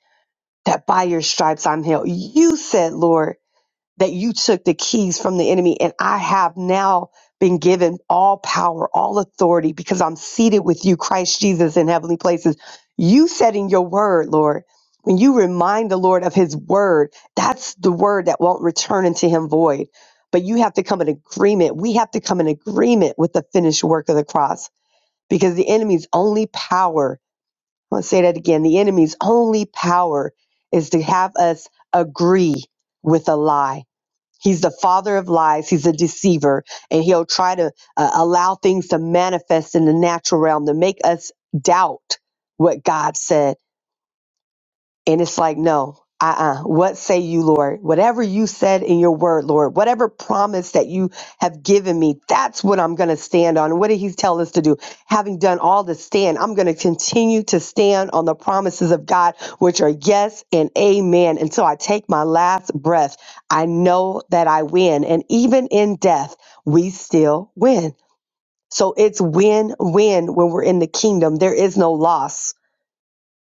Speaker 5: that by your stripes I'm healed. You said, Lord, that you took the keys from the enemy and I have now been given all power, all authority because I'm seated with you, Christ Jesus, in heavenly places. You said in your word, Lord, when you remind the Lord of his word, that's the word that won't return into him void. But you have to come in agreement. We have to come in agreement with the finished work of the cross because the enemy's only power, I'm going to say that again, the enemy's only power is to have us agree with a lie He's the father of lies. He's a deceiver. And he'll try to uh, allow things to manifest in the natural realm to make us doubt what God said. And it's like, no, uh uh What say you, Lord? Whatever you said in your word, Lord, whatever promise that you have given me, that's what I'm going to stand on. What did he tell us to do? Having done all to stand, I'm going to continue to stand on the promises of God, which are yes and amen. Until I take my last breath, I know that I win. And even in death, we still win. So it's win win when we're in the kingdom. There is no loss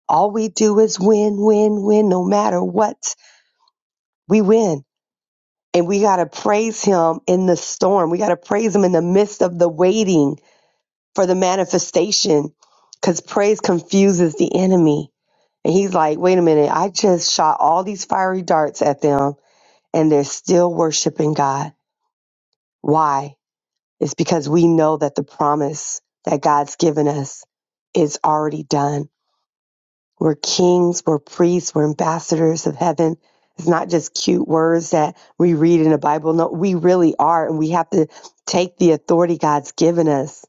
Speaker 5: all we do is win, win, win, no matter what. We win. And we got to praise him in the storm. We got to praise him in the midst of the waiting for the manifestation because praise confuses the enemy. And he's like, wait a minute, I just shot all these fiery darts at them and they're still worshiping God. Why? It's because we know that the promise that God's given us is already done We're kings, we're priests, we're ambassadors of heaven. It's not just cute words that we read in the Bible. No, we really are. And we have to take the authority God's given us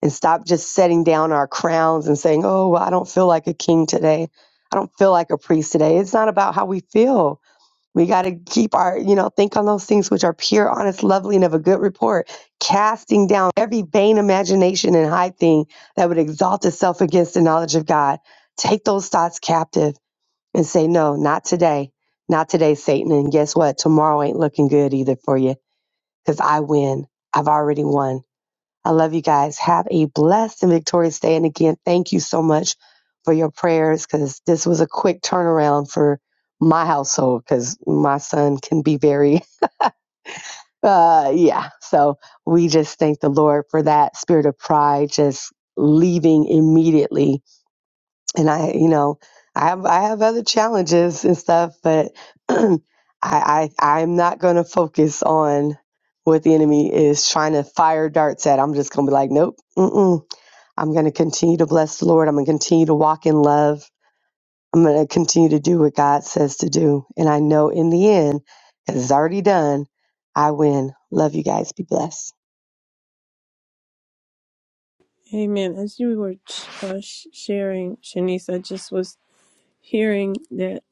Speaker 5: and stop just setting down our crowns and saying, oh, well, I don't feel like a king today. I don't feel like a priest today. It's not about how we feel. We got to keep our, you know, think on those things which are pure, honest, lovely, and of a good report, casting down every vain imagination and high thing that would exalt itself against the knowledge of God. Take those thoughts captive and say, no, not today. Not today, Satan. And guess what? Tomorrow ain't looking good either for you because I win. I've already won. I love you guys. Have a blessed and victorious day. And again, thank you so much for your prayers because this was a quick turnaround for my household because my son can be very, uh, yeah. So we just thank the Lord for that spirit of pride just leaving immediately. And I, you know, I have I have other challenges and stuff, but I, I I'm not going to focus on what the enemy is trying to fire darts at. I'm just going to be like, nope, mm-mm I'm going to continue to bless the Lord. I'm going to continue to walk in love. I'm going to continue to do what God says to do. And I know in the end, as it's already done, I win. Love you guys. Be blessed.
Speaker 1: Amen. As you were uh, sh- sharing, Shanice, I just was hearing that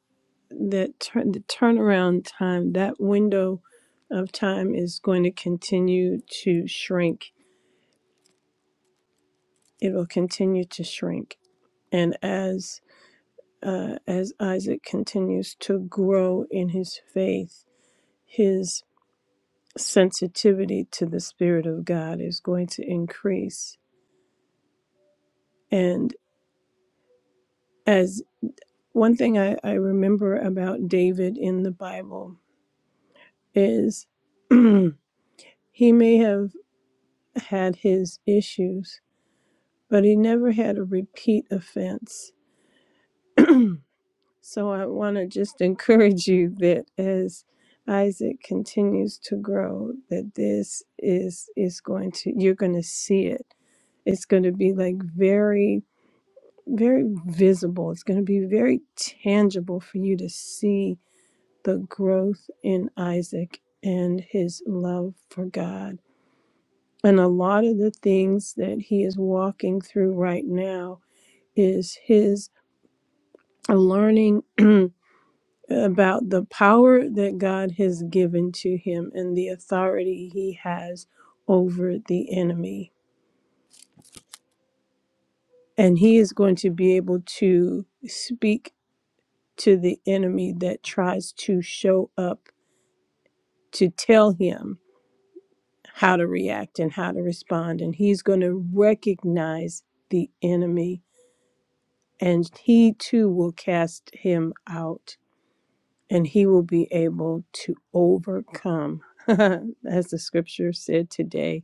Speaker 1: that turn the turnaround time, that window of time is going to continue to shrink. It will continue to shrink, and as uh, as Isaac continues to grow in his faith, his sensitivity to the Spirit of God is going to increase, and as One thing I, I remember about David in the Bible is he may have had his issues, but he never had a repeat offense. so I want to just encourage you that as Isaac continues to grow, that this is is going to you're going to see it. It's going to be like very very visible. It's going to be very tangible for you to see the growth in Isaac and his love for God. And a lot of the things that he is walking through right now is his learning about the power that God has given to him and the authority he has over the enemy. And he is going to be able to speak to the enemy that tries to show up to tell him how to react and how to respond. And he's going to recognize the enemy, and he too will cast him out, and he will be able to overcome. As the scripture said today,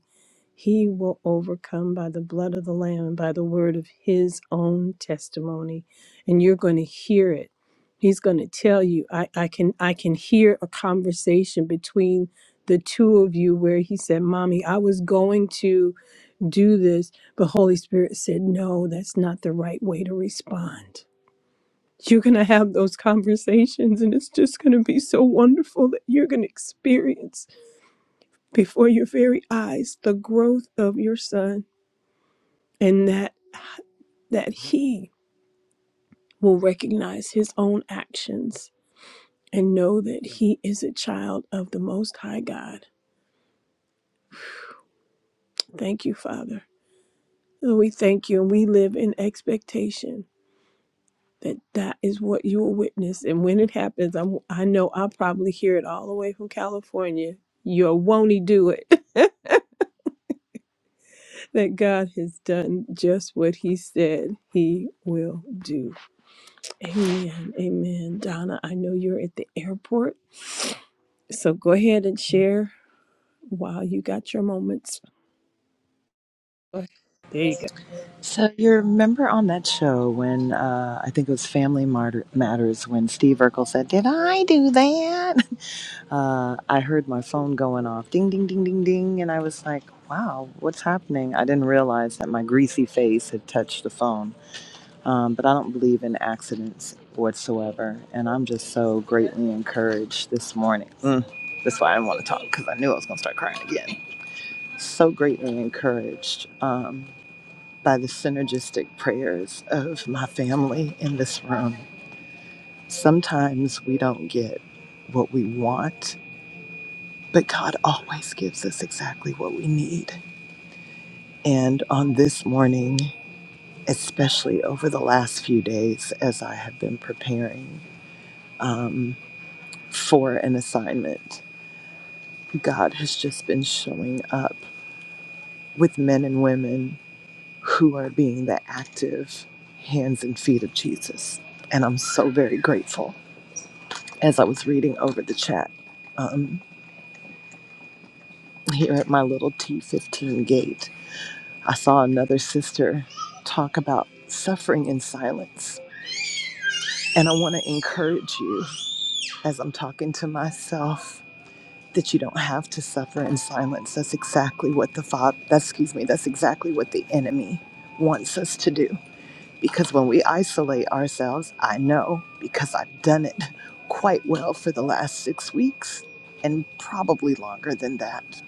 Speaker 1: he will overcome by the blood of the Lamb and by the word of his own testimony. And you're going to hear it. He's going to tell you, I, I can I can hear a conversation between the two of you where he said, Mommy, I was going to do this. But Holy Spirit said, no, that's not the right way to respond. You're going to have those conversations, and it's just going to be so wonderful that you're going to experience before your very eyes the growth of your son and that that he will recognize his own actions and know that he is a child of the most high God. Thank you, Father. Lord, We thank you and we live in expectation that that is what you will witness and when it happens i'm i know i'll probably hear it all the way from california you won't he do it that god has done just what he said he will do amen amen donna i know you're at the airport so go ahead and share while you got your moments Go ahead. there you go
Speaker 6: So you remember on that show when uh, I think it was Family Martyr- Matters when Steve Urkel said, "Did I do that?" Uh, I heard my phone going off, ding, ding, ding, ding, ding, and I was like, "Wow, what's happening?" I didn't realize that my greasy face had touched the phone. Um, but I don't believe in accidents whatsoever, and I'm just so greatly encouraged this morning. Mm, that's why I didn't want to talk because I knew I was going to start crying again. So greatly encouraged. Um, by the synergistic prayers of my family in this room. Sometimes we don't get what we want, but God always gives us exactly what we need. And on this morning, especially over the last few days, as I have been preparing um, for an assignment, God has just been showing up with men and women who are being the active hands and feet of Jesus. And I'm so very grateful as I was reading over the chat um, here at my little T15 gate, I saw another sister talk about suffering in silence. And I want to encourage you as I'm talking to myself that you don't have to suffer in silence. That's exactly what the father, that's, excuse me, that's exactly what the enemy wants us to do. Because when we isolate ourselves, I know because I've done it quite well for the last six weeks and probably longer than that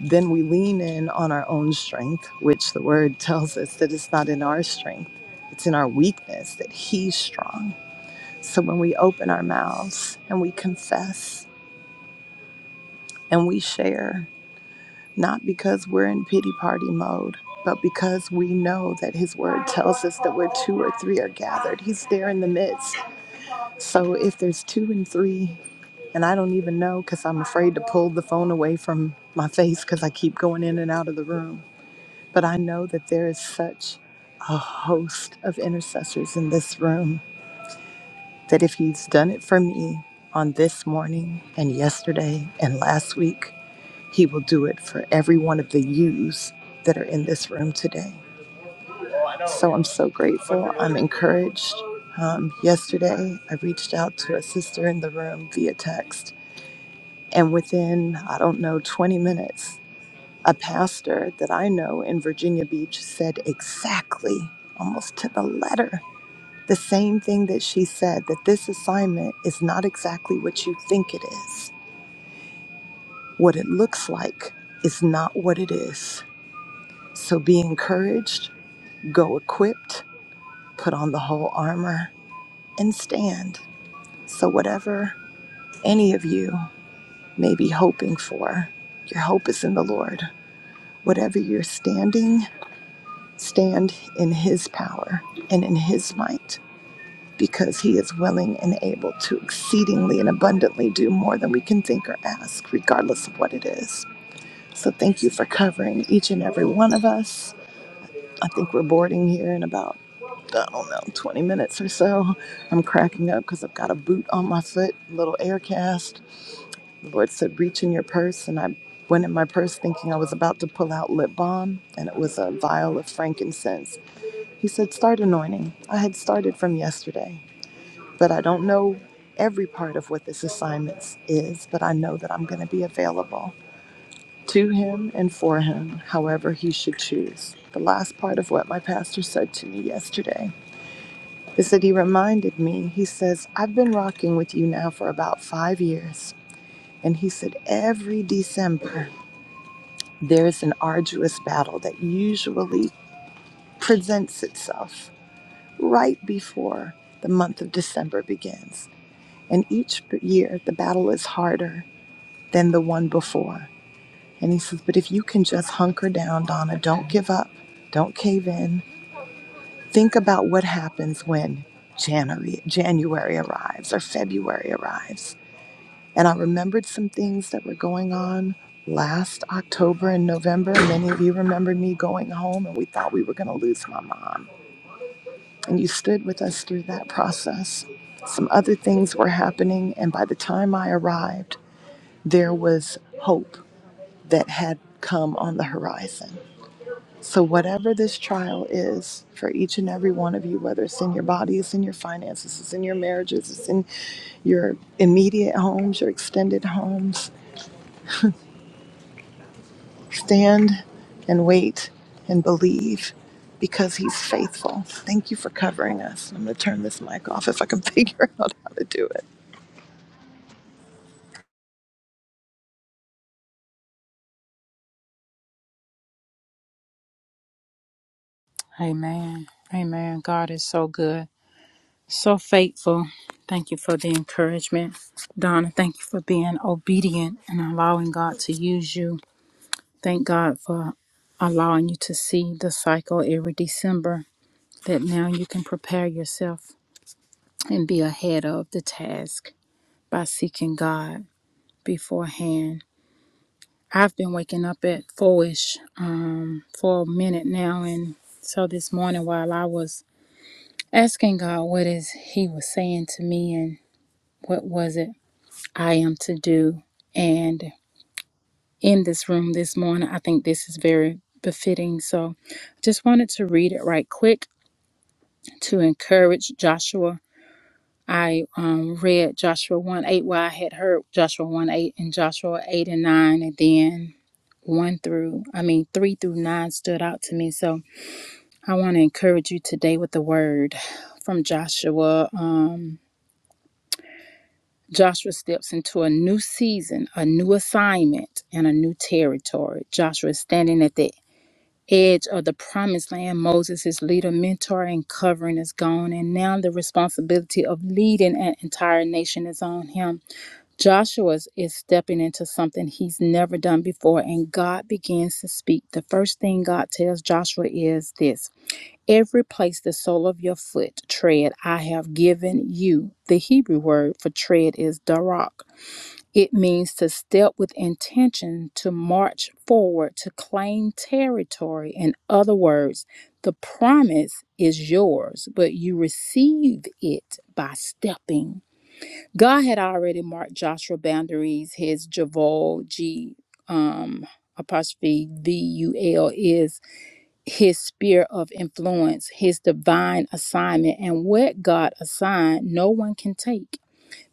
Speaker 6: then we lean in on our own strength, which the word tells us that it's not in our strength, it's in our weakness that He's strong. So when we open our mouths and we confess and we share, not because we're in pity party mode, but because we know that His word tells us that where two or three are gathered, He's there in the midst. So if there's two and three, and I don't even know because I'm afraid to pull the phone away from my face because I keep going in and out of the room But I know that there is such a host of intercessors in this room that if He's done it for me on this morning and yesterday and last week, He will do it for every one of the yous that are in this room today. So I'm so grateful. I'm encouraged. Um, yesterday, I reached out to a sister in the room via text, and within, I don't know, 20 minutes, A pastor that I know in Virginia Beach said exactly, almost to the letter, the same thing that she said that this assignment is not exactly what you think it is. What it looks like is not what it is. So be encouraged, go equipped, put on the whole armor, and stand. So, whatever any of you may be hoping for, your hope is in the Lord. Whatever you're standing, Stand in his power and in his might, because he is willing and able to exceedingly and abundantly do more than we can think or ask, regardless of what it is. So thank you for covering each and every one of us. I think we're boarding here in about, I don't know, 20 minutes or so. I'm cracking up because I've got a boot on my foot, a little air cast. The Lord said, reach in your purse. And I went in my purse thinking I was about to pull out lip balm, and it was a vial of frankincense he said, Start anointing. I had started from yesterday, but I don't know every part of what this assignment is, but I know that I'm going to be available to him and for him, however he should choose. The last part of what my pastor said to me yesterday is that he reminded me, he says, I've been rocking with you now for about five years. And he said, every December, there's an arduous battle that usually presents itself right before the month of December begins. And each year, the battle is harder than the one before. And he says, But if you can just hunker down, Donna, don't give up, don't cave in. Think about what happens when January, January arrives or February arrives. And I remembered some things that were going on last October and November. Many of you remember me going home and we thought we were going to lose my mom and you stood with us through that process. Some other things were happening, and by the time I arrived, there was hope that had come on the horizon. So, whatever this trial is for each and every one of you, whether it's in your body, it's in your finances, it's in your marriages, it's in your immediate homes, your extended homes, stand and wait and believe because he's faithful. Thank you for covering us. I'm going to turn this mic off if I can figure out how to do it.
Speaker 4: Amen. Amen. God is so good, so faithful. Thank you for the encouragement. Donna, thank you for being obedient and allowing God to use you. Thank God for allowing you to see the cycle every December that now you can prepare yourself and be ahead of the task by seeking God beforehand. I've been waking up at fourish um, for a minute now, and so this morning while I was asking God what is He was saying to me and what was it I am to do, and in this room this morning, I think this is very befitting. So, just wanted to read it right quick to encourage Joshua I um, read Joshua 1 8, well, I had heard Joshua 1 8 and Joshua 8 and 9, and then 1 through, I mean, 3 through 9 stood out to me. So I want to encourage you today with the word from Joshua. Um, Joshua steps into a new season, a new assignment, and a new territory. Joshua is standing at the edge of the promised land. Moses, his leader, mentor, and covering is gone, and now the responsibility of leading an entire nation is on him. Joshua is stepping into something he's never done before, and God begins to speak. The first thing God tells Joshua is this Every place the sole of your foot tread, I have given you. The Hebrew word for tread is darak. It means to step with intention, to march forward, to claim territory. In other words, the promise is yours, but you receive it by stepping. God had already marked Joshua's boundaries. His Javol G um, apostrophe V U L is his sphere of influence, his divine assignment, and what God assigned, no one can take.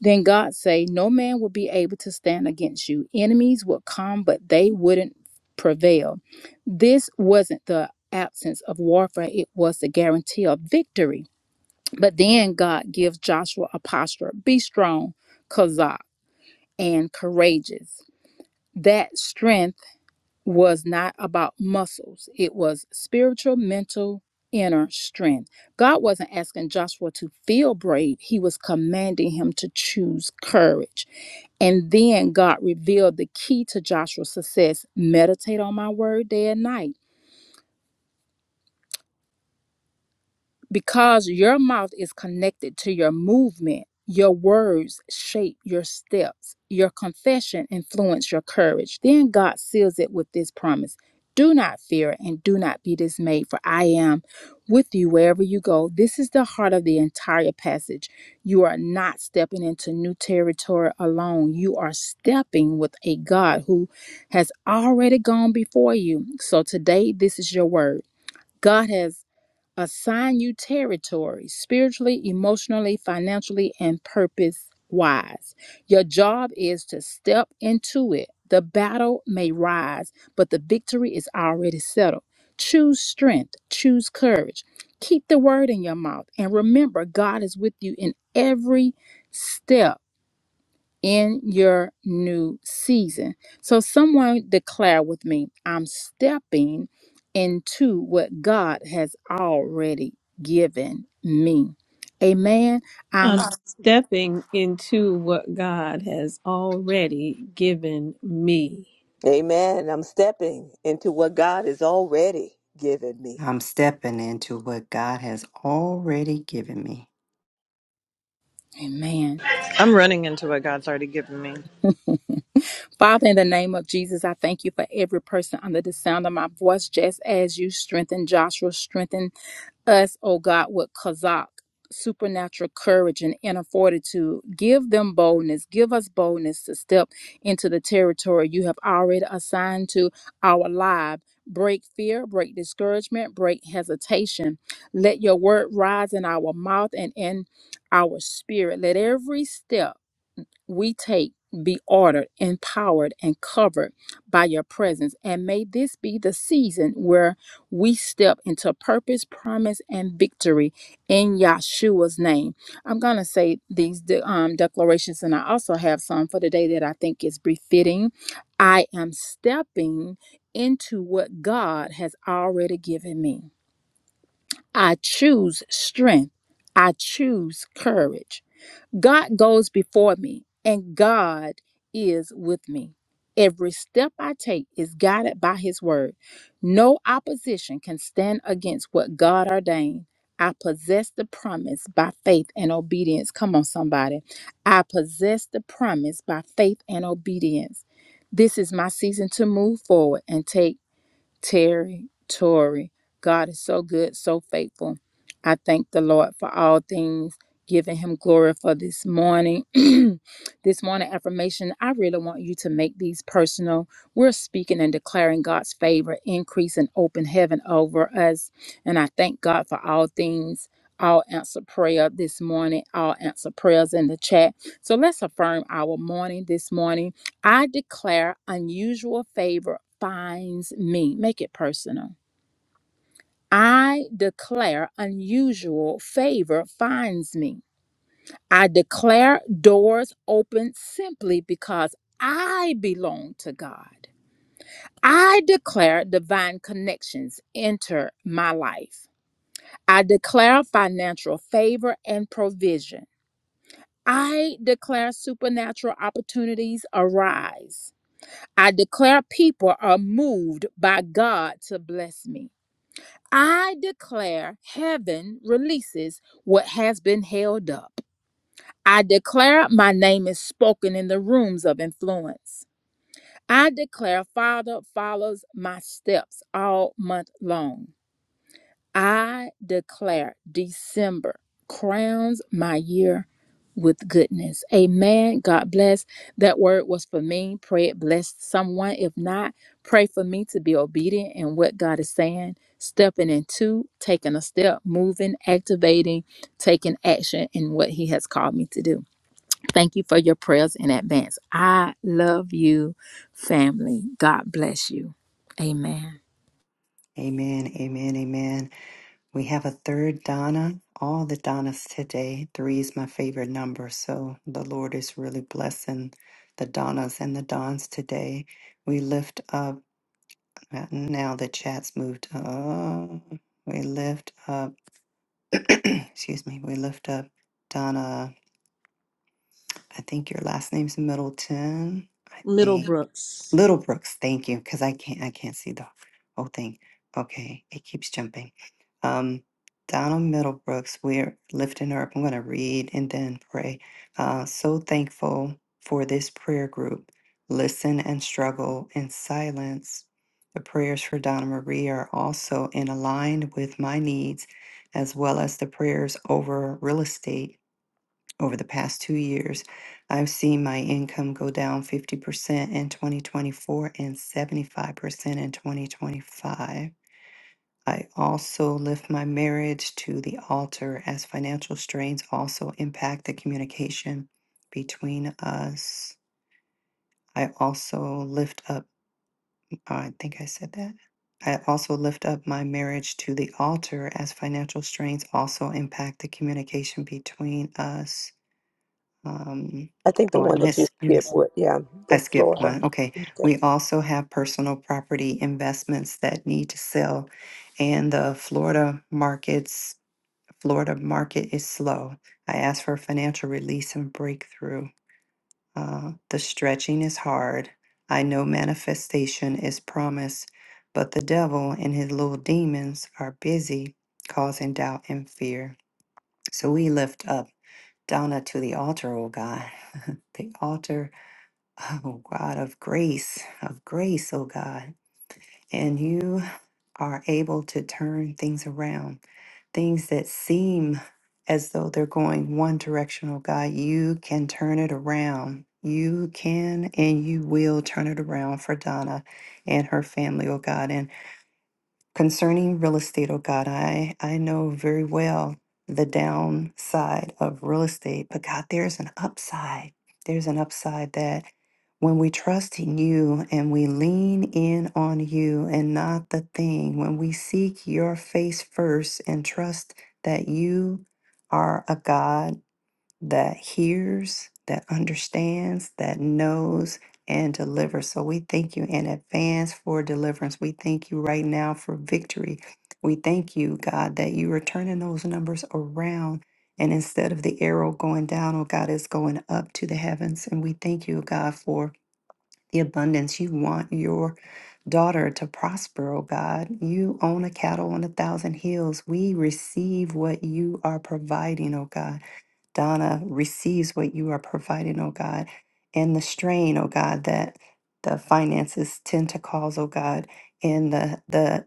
Speaker 4: Then God say, "No man will be able to stand against you. Enemies will come, but they wouldn't prevail." This wasn't the absence of warfare; it was the guarantee of victory. But then God gives Joshua a posture be strong, Kazak, and courageous. That strength was not about muscles, it was spiritual, mental, inner strength. God wasn't asking Joshua to feel brave, He was commanding him to choose courage. And then God revealed the key to Joshua's success meditate on my word day and night. Because your mouth is connected to your movement, your words shape your steps, your confession influences your courage. Then God seals it with this promise Do not fear and do not be dismayed, for I am with you wherever you go. This is the heart of the entire passage. You are not stepping into new territory alone, you are stepping with a God who has already gone before you. So today, this is your word. God has assign you territory spiritually, emotionally, financially, and purpose wise. Your job is to step into it. The battle may rise, but the victory is already settled. Choose strength, choose courage. Keep the word in your mouth, and remember, God is with you in every step in your new season. So, someone declare with me, I'm stepping into what God has already given me. Amen. I'm
Speaker 1: i'm stepping into what god has already given me
Speaker 3: Amen. I'm stepping into what God has already given me.
Speaker 2: I'm stepping into what God has already given me.
Speaker 4: amen.
Speaker 6: I'm running into what God's already given me.
Speaker 4: Father, in the name of Jesus, I thank you for every person under the sound of my voice, just as you strengthen Joshua, strengthen us, O God, with Kazakh supernatural courage and inner fortitude. Give them boldness. Give us boldness to step into the territory you have already assigned to our lives. Break fear, break discouragement, break hesitation. Let your word rise in our mouth and in our spirit. Let every step we take be ordered, empowered, and covered by your presence. And may this be the season where we step into purpose, promise, and victory in Yahshua's name. I'm going to say these de- um, declarations, and I also have some for today that I think is befitting. I am stepping into what God has already given me. I choose strength. I choose courage. God goes before me, and God is with me. Every step I take is guided by His word. No opposition can stand against what God ordained. I possess the promise by faith and obedience. Come on, somebody. I possess the promise by faith and obedience. This is my season to move forward and take Terry, Tori. God is so good, so faithful. I thank the Lord for all things, giving him glory for this morning. this morning affirmation, I really want you to make these personal. We're speaking and declaring God's favor, increase, and open heaven over us. And I thank God for all things. I'll answer prayer this morning. I'll answer prayers in the chat. So let's affirm our morning this morning. I declare unusual favor finds me. Make it personal. I declare unusual favor finds me. I declare doors open simply because I belong to God. I declare divine connections enter my life. I declare financial favor and provision. I declare supernatural opportunities arise. I declare people are moved by God to bless me. I declare heaven releases what has been held up. I declare my name is spoken in the rooms of influence. I declare Father follows my steps all month long. I declare December crowns my year with goodness. Amen. God bless. That word was for me. Pray it blessed someone. If not, pray for me to be obedient in what God is saying, stepping into, taking a step, moving, activating, taking action in what He has called me to do. Thank you for your prayers in advance. I love you, family. God bless you. Amen.
Speaker 2: Amen, amen, amen. We have a third Donna, all the Donnas today. Three is my favorite number, so the Lord is really blessing the Donnas and the Dons today. We lift up, uh, now the chat's moved up. We lift up. Excuse me. We lift up Donna. I think your last name's Middleton. I think.
Speaker 1: middlebrooks
Speaker 2: Little Brooks, thank you, because I can't I can't see the whole thing. Okay, it keeps jumping. Um, Donald Middlebrooks, we're lifting her up. I'm going to read and then pray. Uh, so thankful for this prayer group. Listen and struggle in silence. The prayers for Donna Marie are also in aligned with my needs, as well as the prayers over real estate over the past two years, I've seen my income go down 50% in 2024 and 75% in 2025. I also lift my marriage to the altar as financial strains also impact the communication between us. I also lift up, I think I said that. I also lift up my marriage to the altar as financial strains also impact the communication between us. Um,
Speaker 3: I think the
Speaker 2: oh, I
Speaker 3: one that you
Speaker 2: missed, I
Speaker 3: skipped
Speaker 2: missed,
Speaker 3: with, yeah,
Speaker 2: I
Speaker 3: the
Speaker 2: skipped
Speaker 3: Florida.
Speaker 2: one. Okay. We also have personal property investments that need to sell. And the Florida markets, Florida market is slow. I asked for financial release and breakthrough. Uh, the stretching is hard. I know manifestation is promise, but the devil and his little demons are busy causing doubt and fear. So we lift up Donna to the altar, oh God. the altar Oh God of grace, of grace, oh God. And you are able to turn things around, things that seem as though they're going one direction, oh God. You can turn it around. You can and you will turn it around for Donna and her family, oh God. and. Concerning real estate, oh God, I, I know very well the downside of real estate, but God, there's an upside. There's an upside that when we trust in you and we lean in on you and not the thing, when we seek your face first and trust that you are a God that hears, that understands, that knows, and delivers. So we thank you in advance for deliverance. We thank you right now for victory. We thank you, God, that you are turning those numbers around. And instead of the arrow going down, oh God, it's going up to the heavens. And we thank you, God, for the abundance. You want your daughter to prosper, oh God. You own a cattle on a thousand hills. We receive what you are providing, oh God. Donna receives what you are providing, oh God, and the strain, oh God, that the finances tend to cause, oh God, and the the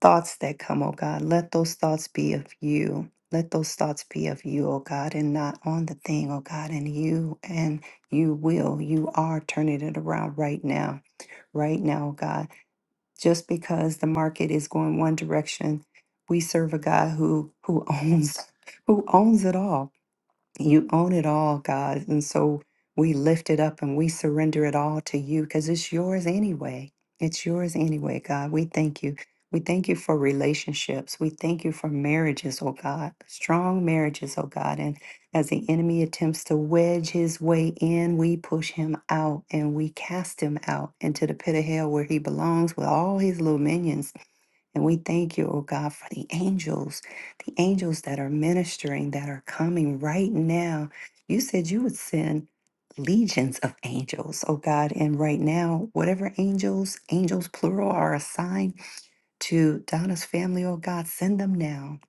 Speaker 2: thoughts that come, oh God. Let those thoughts be of you. Let those thoughts be of you, oh God, and not on the thing, oh God, and you and you will. You are turning it around right now. Right now, oh God. Just because the market is going one direction, we serve a God who who owns who owns it all you own it all, God. And so we lift it up and we surrender it all to you because it's yours anyway. It's yours anyway, God. We thank you. We thank you for relationships. We thank you for marriages, oh God, strong marriages, oh God. And as the enemy attempts to wedge his way in, we push him out and we cast him out into the pit of hell where he belongs with all his little minions and we thank you, oh God, for the angels, the angels that are ministering, that are coming right now. You said you would send legions of angels, oh God. And right now, whatever angels, angels plural, are assigned to Donna's family, oh God, send them now.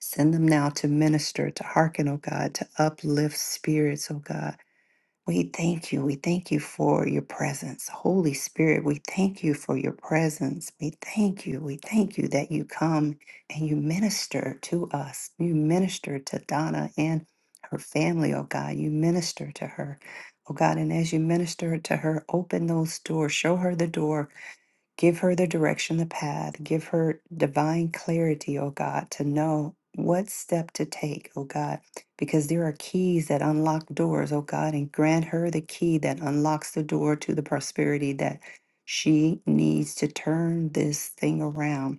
Speaker 2: Send them now to minister, to hearken, oh God, to uplift spirits, oh God we thank you. We thank you for your presence. Holy Spirit, we thank you for your presence. We thank you. We thank you that you come and you minister to us. You minister to Donna and her family, oh God. You minister to her, oh God. And as you minister to her, open those doors, show her the door Give her the direction, the path. Give her divine clarity, oh God, to know what step to take, oh God, because there are keys that unlock doors, oh God, and grant her the key that unlocks the door to the prosperity that she needs to turn this thing around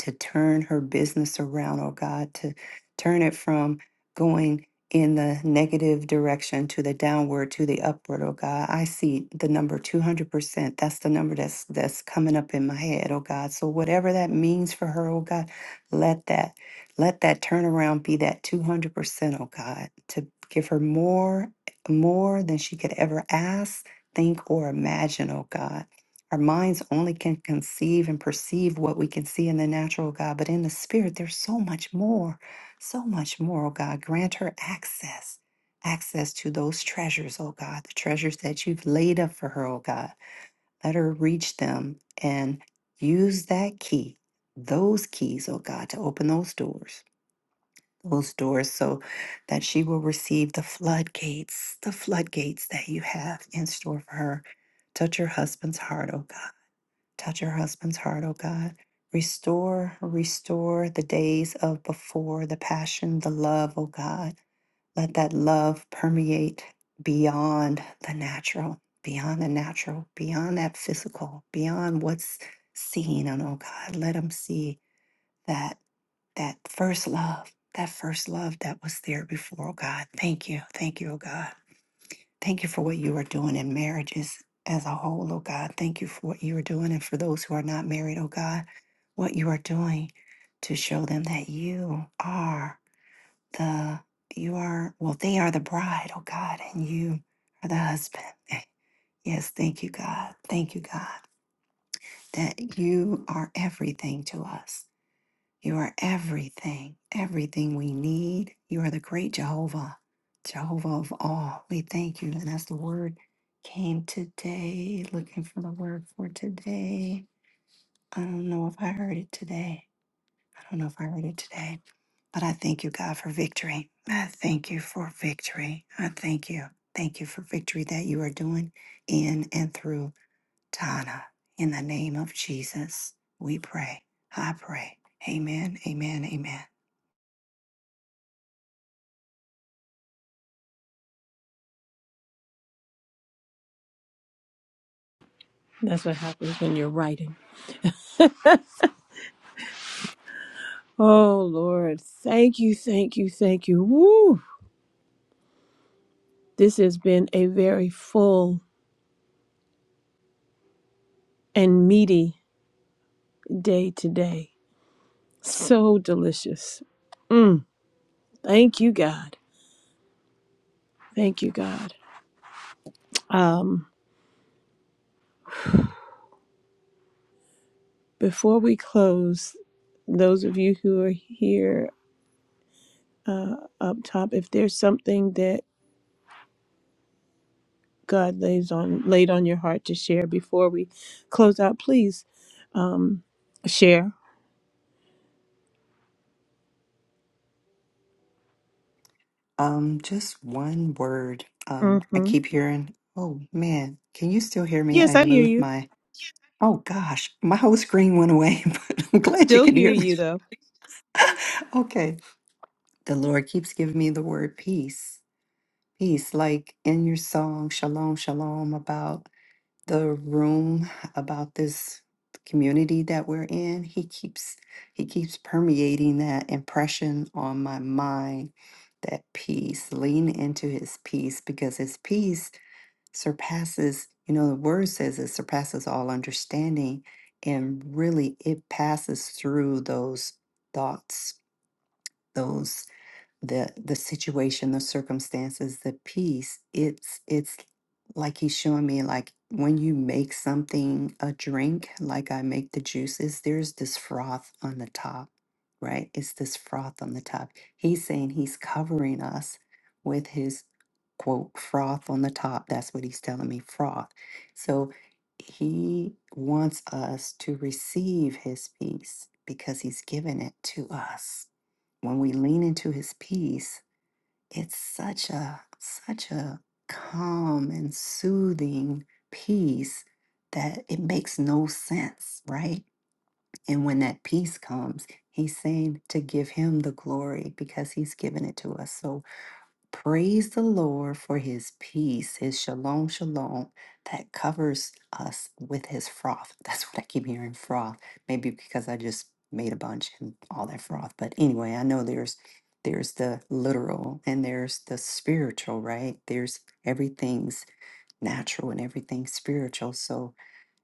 Speaker 2: to turn her business around, oh God, to turn it from going in the negative direction to the downward to the upward, oh God. I see the number 200%. That's the number that's that's coming up in my head, oh God. So whatever that means for her, oh God, let that let that turnaround be that 200%, oh God, to give her more more than she could ever ask, think or imagine, oh God. Our minds only can conceive and perceive what we can see in the natural, oh God, but in the spirit, there's so much more, so much more, oh God. Grant her access, access to those treasures, oh God, the treasures that you've laid up for her, oh God. Let her reach them and use that key, those keys, oh God, to open those doors, those doors so that she will receive the floodgates, the floodgates that you have in store for her. Touch her husband's heart, oh God. Touch her husband's heart, O God. Restore, restore the days of before, the passion, the love, O God. Let that love permeate beyond the natural, beyond the natural, beyond that physical, beyond what's seen. And oh God, let them see that that first love, that first love that was there before, oh God. Thank you. Thank you, oh God. Thank you for what you are doing in marriages as a whole, oh God. Thank you for what you are doing. And for those who are not married, oh God, what you are doing to show them that you are the, you are, well, they are the bride, oh God, and you are the husband. Yes, thank you, God. Thank you, God, that you are everything to us. You are everything, everything we need. You are the great Jehovah, Jehovah of all. We thank you. And as the word came today, looking for the word for today, I don't know if I heard it today. I don't know if I heard it today, but I thank you, God, for victory. I thank you for victory. I thank you. Thank you for victory that you are doing in and through Donna. In the name of Jesus, we pray. I pray. Amen, amen, amen.
Speaker 1: That's what happens when you're writing. Oh, Lord. Thank you, thank you, thank you. Woo! This has been a very full and meaty day today. So delicious. Mm, thank you, God. Thank you, God. Um, before we close, those of you who are here uh, up top, if there's something that God lays on laid on your heart to share before we close out, please um, share.
Speaker 2: Um, just one word. Um, I
Speaker 1: Mm-hmm.
Speaker 2: keep hearing, oh man, can you still hear me?
Speaker 1: Yes,
Speaker 2: I
Speaker 1: I hear
Speaker 2: moved
Speaker 1: you.
Speaker 2: my, oh gosh, my whole screen went away, but I'm glad you
Speaker 1: Still
Speaker 2: can
Speaker 1: hear
Speaker 2: hear me.
Speaker 1: you though.
Speaker 2: okay. The Lord keeps giving me the word peace. Peace, like in your song, Shalom, Shalom, about the room about this community that we're in he keeps he keeps permeating that impression on my mind that peace lean into his peace because his peace surpasses you know the word says it surpasses all understanding and really it passes through those thoughts those the the situation the circumstances the peace it's it's like he's showing me like when you make something a drink like i make the juices there's this froth on the top right it's this froth on the top he's saying he's covering us with his quote froth on the top that's what he's telling me froth so he wants us to receive his peace because he's given it to us when we lean into his peace, it's such a such a calm and soothing peace that it makes no sense, right? And when that peace comes, he's saying to give him the glory because he's given it to us. So Praise the Lord for his peace, his shalom, shalom that covers us with his froth. That's what I keep hearing froth. Maybe because I just made a bunch and all that froth. But anyway, I know there's there's the literal and there's the spiritual, right? There's everything's natural and everything's spiritual. So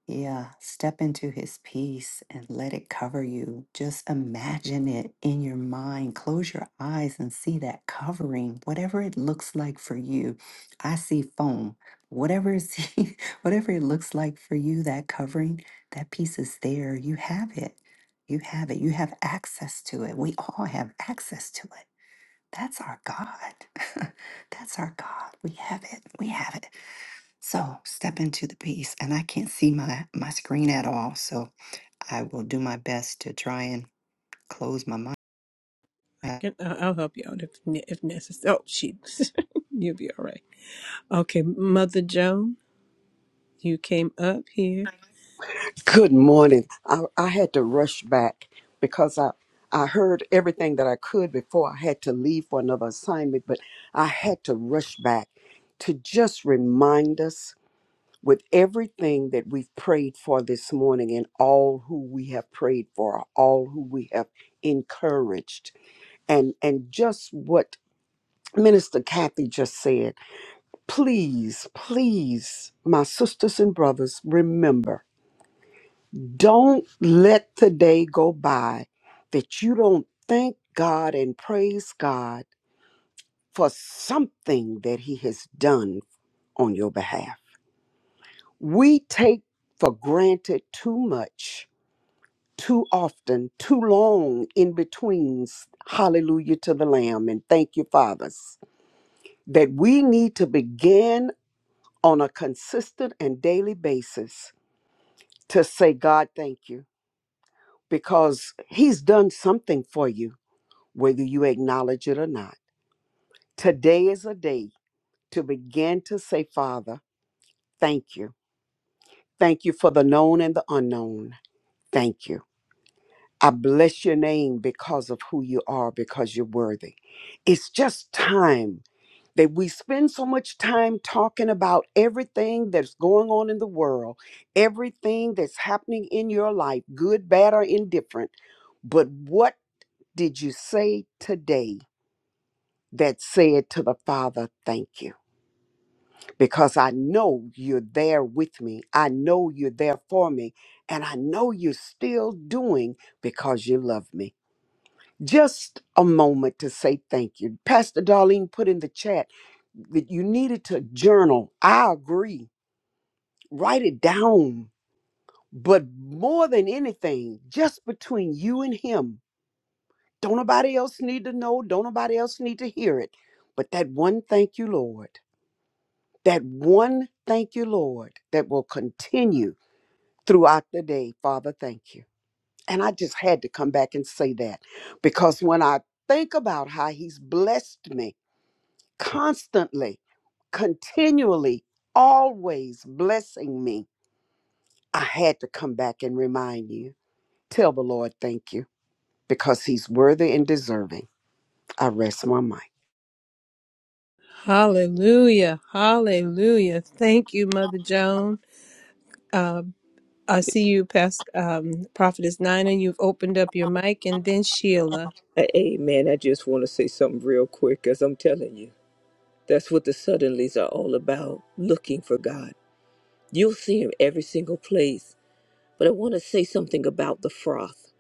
Speaker 2: yeah, step into his peace and let it cover you. Just imagine it in your mind. Close your eyes and see that covering, whatever it looks like for you. I see foam. Whatever is whatever it looks like for you, that covering, that piece is there. You have it. You have it. You have access to it. We all have access to it. That's our God. That's our God. We have it. We have it. So step into the peace, and I can't see my my screen at all. So I will do my best to try and close my mind.
Speaker 1: Can- I- I'll help you out if ne- if necessary. Oh, she, you'll be all right. Okay, Mother Joan, you came up here.
Speaker 7: Good morning. I, I had to rush back because I, I heard everything that I could before I had to leave for another assignment, but I had to rush back to just remind us with everything that we've prayed for this morning and all who we have prayed for, all who we have encouraged, and, and just what Minister Kathy just said. Please, please, my sisters and brothers, remember. Don't let today go by that you don't thank God and praise God for something that He has done on your behalf. We take for granted too much, too often, too long in betweens. Hallelujah to the Lamb and thank you, fathers, that we need to begin on a consistent and daily basis to say, God, thank you, because He's done something for you. whether you acknowledge it or not. Today is a day to begin to say, Father, thank you. Thank you for the known and the unknown. Thank you. I bless your name because of who you are, because you're worthy. It's just time that we spend so much time talking about everything that's going on in the world, everything that's happening in your life, good, bad, or indifferent. But what did you say today that said to the Father, thank you? because I know you're there with me. I know you're there for me. And I know you're still doing because you love me. Just a moment to say thank you. Pastor Darlene put in the chat that you needed to journal. I agree. Write it down. But more than anything, just between you and him, don't nobody else need to know, don't nobody else need to hear it. But that one thank you, Lord, that one thank you, Lord, that will continue throughout the day. Father, thank you. And I just had to come back and say that because when I think about how he's blessed me constantly, continually, always blessing me, I had to come back and remind you. Tell the Lord thank you because he's worthy and deserving. I rest my mind.
Speaker 1: Hallelujah, Hallelujah. Thank you, Mother Joan. Um, I see you, past um, Prophetess Nina. You've opened up your mic, and then Sheila.
Speaker 3: Amen. I just want to say something real quick as I'm telling you. That's what the suddenlies are all about looking for God. You'll see Him every single place. But I want to say something about the froth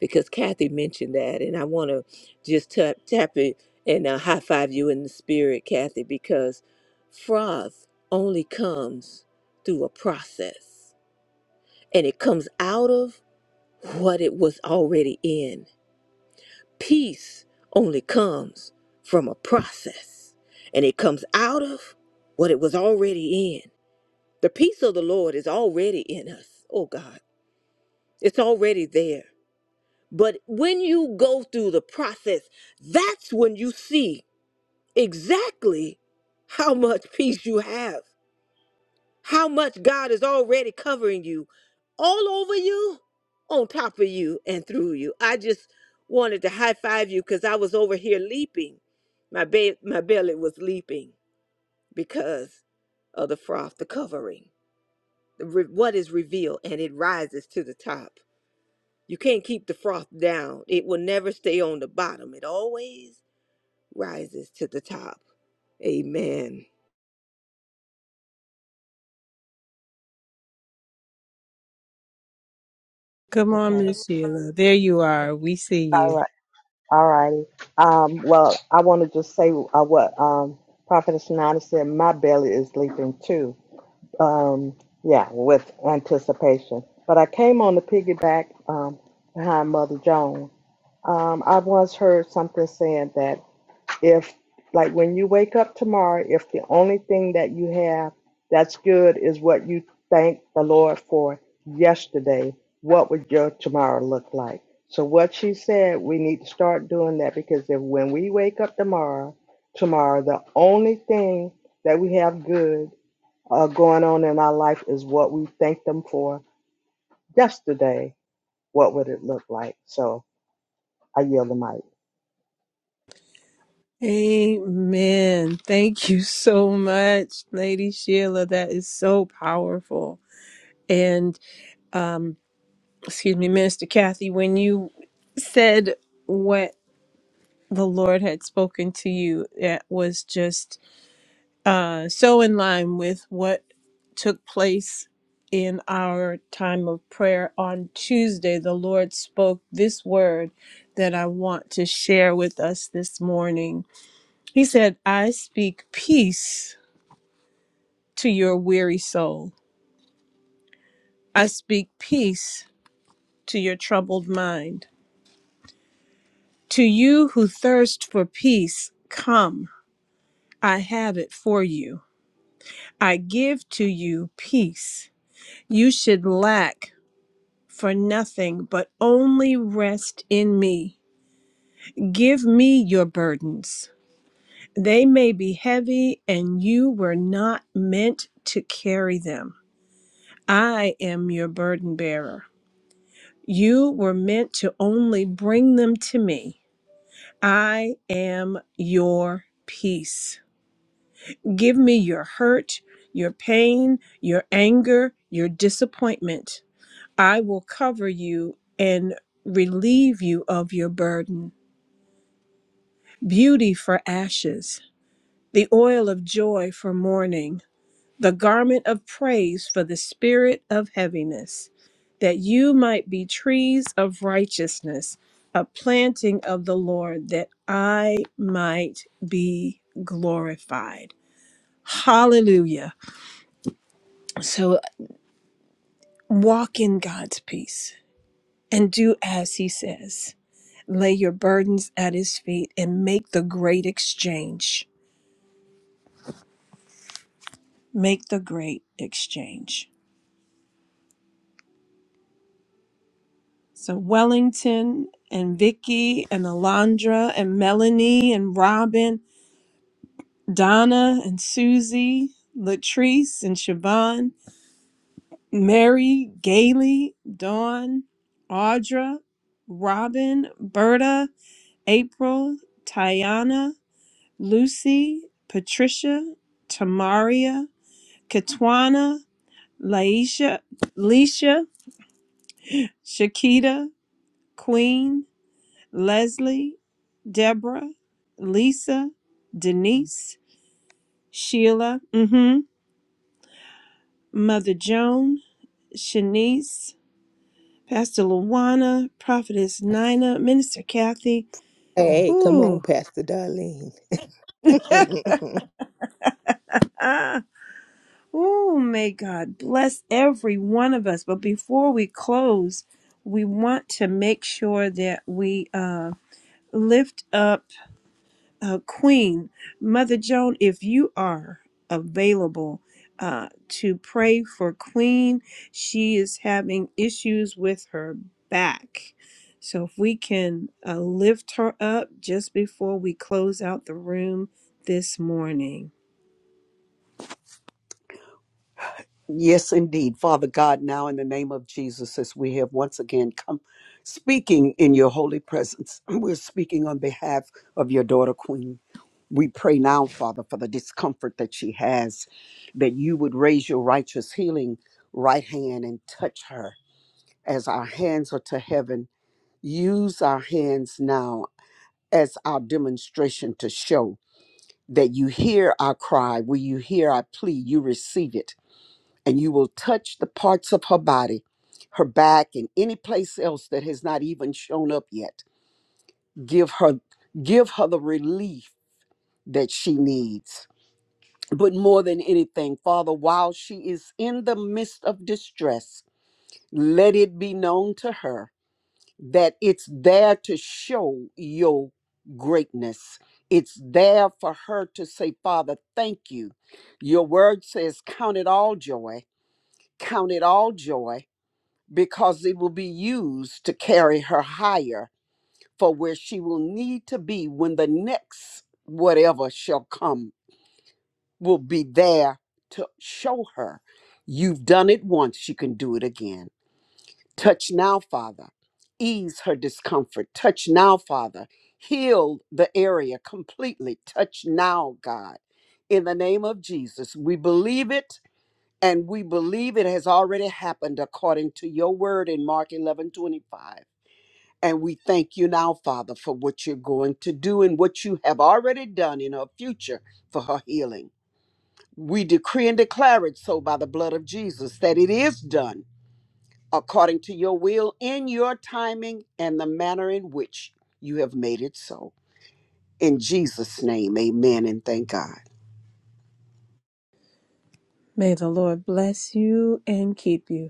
Speaker 3: because Kathy mentioned that. And I want to just tap, tap it and uh, high five you in the spirit, Kathy, because froth only comes through a process and it comes out of what it was already in. Peace only comes from a process, and it comes out of what it was already in. The peace of the Lord is already in us. Oh God, it's already there. But when you go through the process, that's when you see exactly how much peace you have. how much God is already covering you, all over you, on top of you, and through you. I just wanted to high five you because I was over here leaping. My, ba- my belly was leaping because of the froth, the covering, the re- what is revealed, and it rises to the top. You can't keep the froth down, it will never stay on the bottom. It always rises to the top. Amen.
Speaker 1: Come on,
Speaker 8: Okay.
Speaker 1: Miss Sheila. There you are. We see
Speaker 8: All
Speaker 1: you.
Speaker 8: right. All righty. Um, well, I want to just say uh, what um, Prophetess Nana said. My belly is leaping too. Um, yeah, with anticipation. But I came on the piggyback um, behind Mother Joan. Um, I once heard something saying that. if like when you wake up tomorrow if the only thing that you have that's good is what you thank the lord for yesterday what would your tomorrow look like so what she said we need to start doing that because if when we wake up tomorrow tomorrow the only thing that we have good uh, going on in our life is what we thank them for yesterday what would it look like so i yield the mic
Speaker 1: Amen. Thank you so much, Lady Sheila. That is so powerful. And um, excuse me, Minister Kathy, when you said what the Lord had spoken to you, that was just uh, so in line with what took place in our time of prayer on Tuesday. The Lord spoke this word that I want to share with us this morning. He said, I speak peace to your weary soul, I speak peace to your troubled mind. To you who thirst for peace, come, I have it for you. I give to you peace. You should lack for nothing, but only rest in me. Give me your burdens. They may be heavy, and you were not meant to carry them. I am your burden bearer. You were meant to only bring them to me. I am your peace. Give me your hurt, your pain, your anger, your disappointment. I will cover you and relieve you of your burden. Beauty for ashes, the oil of joy for mourning, the garment of praise for the spirit of heaviness, that you might be trees of righteousness, a planting of the Lord, that I might be glorified. Hallelujah. So. Walk in God's peace and do as He says. Lay your burdens at His feet and make the great exchange. Make the great exchange. So, Wellington and Vicky and Alondra and Melanie and Robin, Donna and Susie, Latrice and Siobhan, Mary, Gailey, Dawn, Audra, Robin, Berta, April, Tiana, Lucy, Patricia, Tamaria, Katwana, Laisha, Leisha, Shakita, Queen, Leslie, Deborah, Lisa, Denise, Sheila, mhm, Mother Joan, Shanice, Pastor Luana, Prophetess Nina, Minister Kathy.
Speaker 3: Hey, come on,
Speaker 1: Ooh.
Speaker 3: Pastor Darlene.
Speaker 1: Oh, may God bless every one of us. But before we close, we want to make sure that we uh, lift up uh, Queen Mother Joan. If you are available uh, to pray for Queen, she is having issues with her back. So if we can uh, lift her up just before we close out the room this morning.
Speaker 7: Yes, indeed. Father God, now in the name of Jesus, as we have once again come speaking in your holy presence, we're speaking on behalf of your daughter, Queen. We pray now, Father, for the discomfort that she has, that you would raise your righteous healing right hand and touch her as our hands are to heaven. Use our hands now as our demonstration to show that you hear our cry, will you hear our plea, you receive it, and you will touch the parts of her body, her back, and any place else that has not even shown up yet. Give her give her the relief that she needs But more than anything, Father, while she is in the midst of distress, let it be known to her that it's there to show your greatness. It's there for her to say, Father, thank you. Your word says, Count it all joy, count it all joy, because it will be used to carry her higher for where she will need to be when the next whatever shall come will be there to show her you've done it once, you can do it again. Touch now, Father. Ease her discomfort. Touch now, Father. Heal the area completely. Touch now, God. In the name of Jesus, we believe it and we believe it has already happened according to your word in Mark 11 25. And we thank you now, Father, for what you're going to do and what you have already done in her future for her healing. We decree and declare it so by the blood of Jesus that it is done according to your will in your timing and the manner in which you have made it so. In Jesus' name, amen and thank God.
Speaker 1: May the Lord bless you and keep you.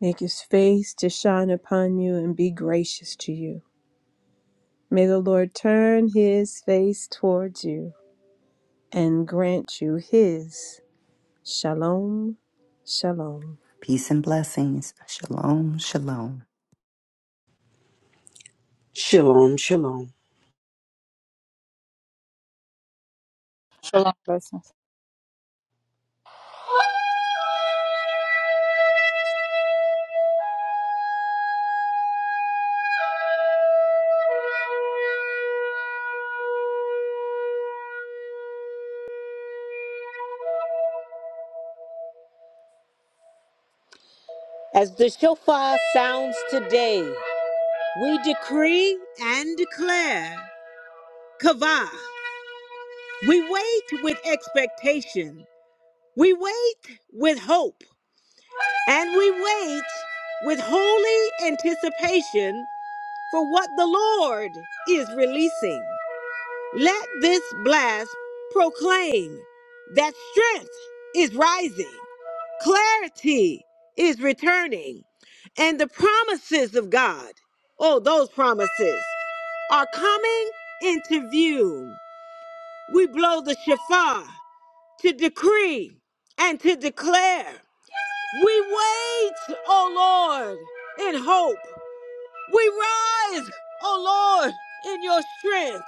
Speaker 1: Make his face to shine upon you and be gracious to you. May the Lord turn his face towards you and grant you his shalom, shalom.
Speaker 2: Peace and blessings. Shalom, shalom.
Speaker 7: Shalom, shalom.
Speaker 4: Shalom. Blessings.
Speaker 3: As the shofar sounds today, we decree and declare Kavah. We wait with expectation, we wait with hope, and we wait with holy anticipation for what the Lord is releasing. Let this blast proclaim that strength is rising, clarity is returning, and the promises of God, oh, those promises, are coming into view. We blow the shofar to decree and to declare. We wait, O Lord, in hope. We rise, O Lord, in your strength.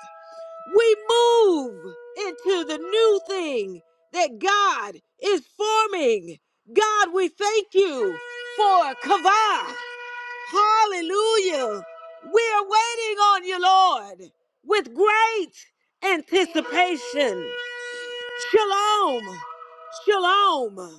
Speaker 3: We move into the new thing that God is forming. God, we thank you for Kavah. Hallelujah. We are waiting on you, Lord, with great anticipation. Shalom. Shalom.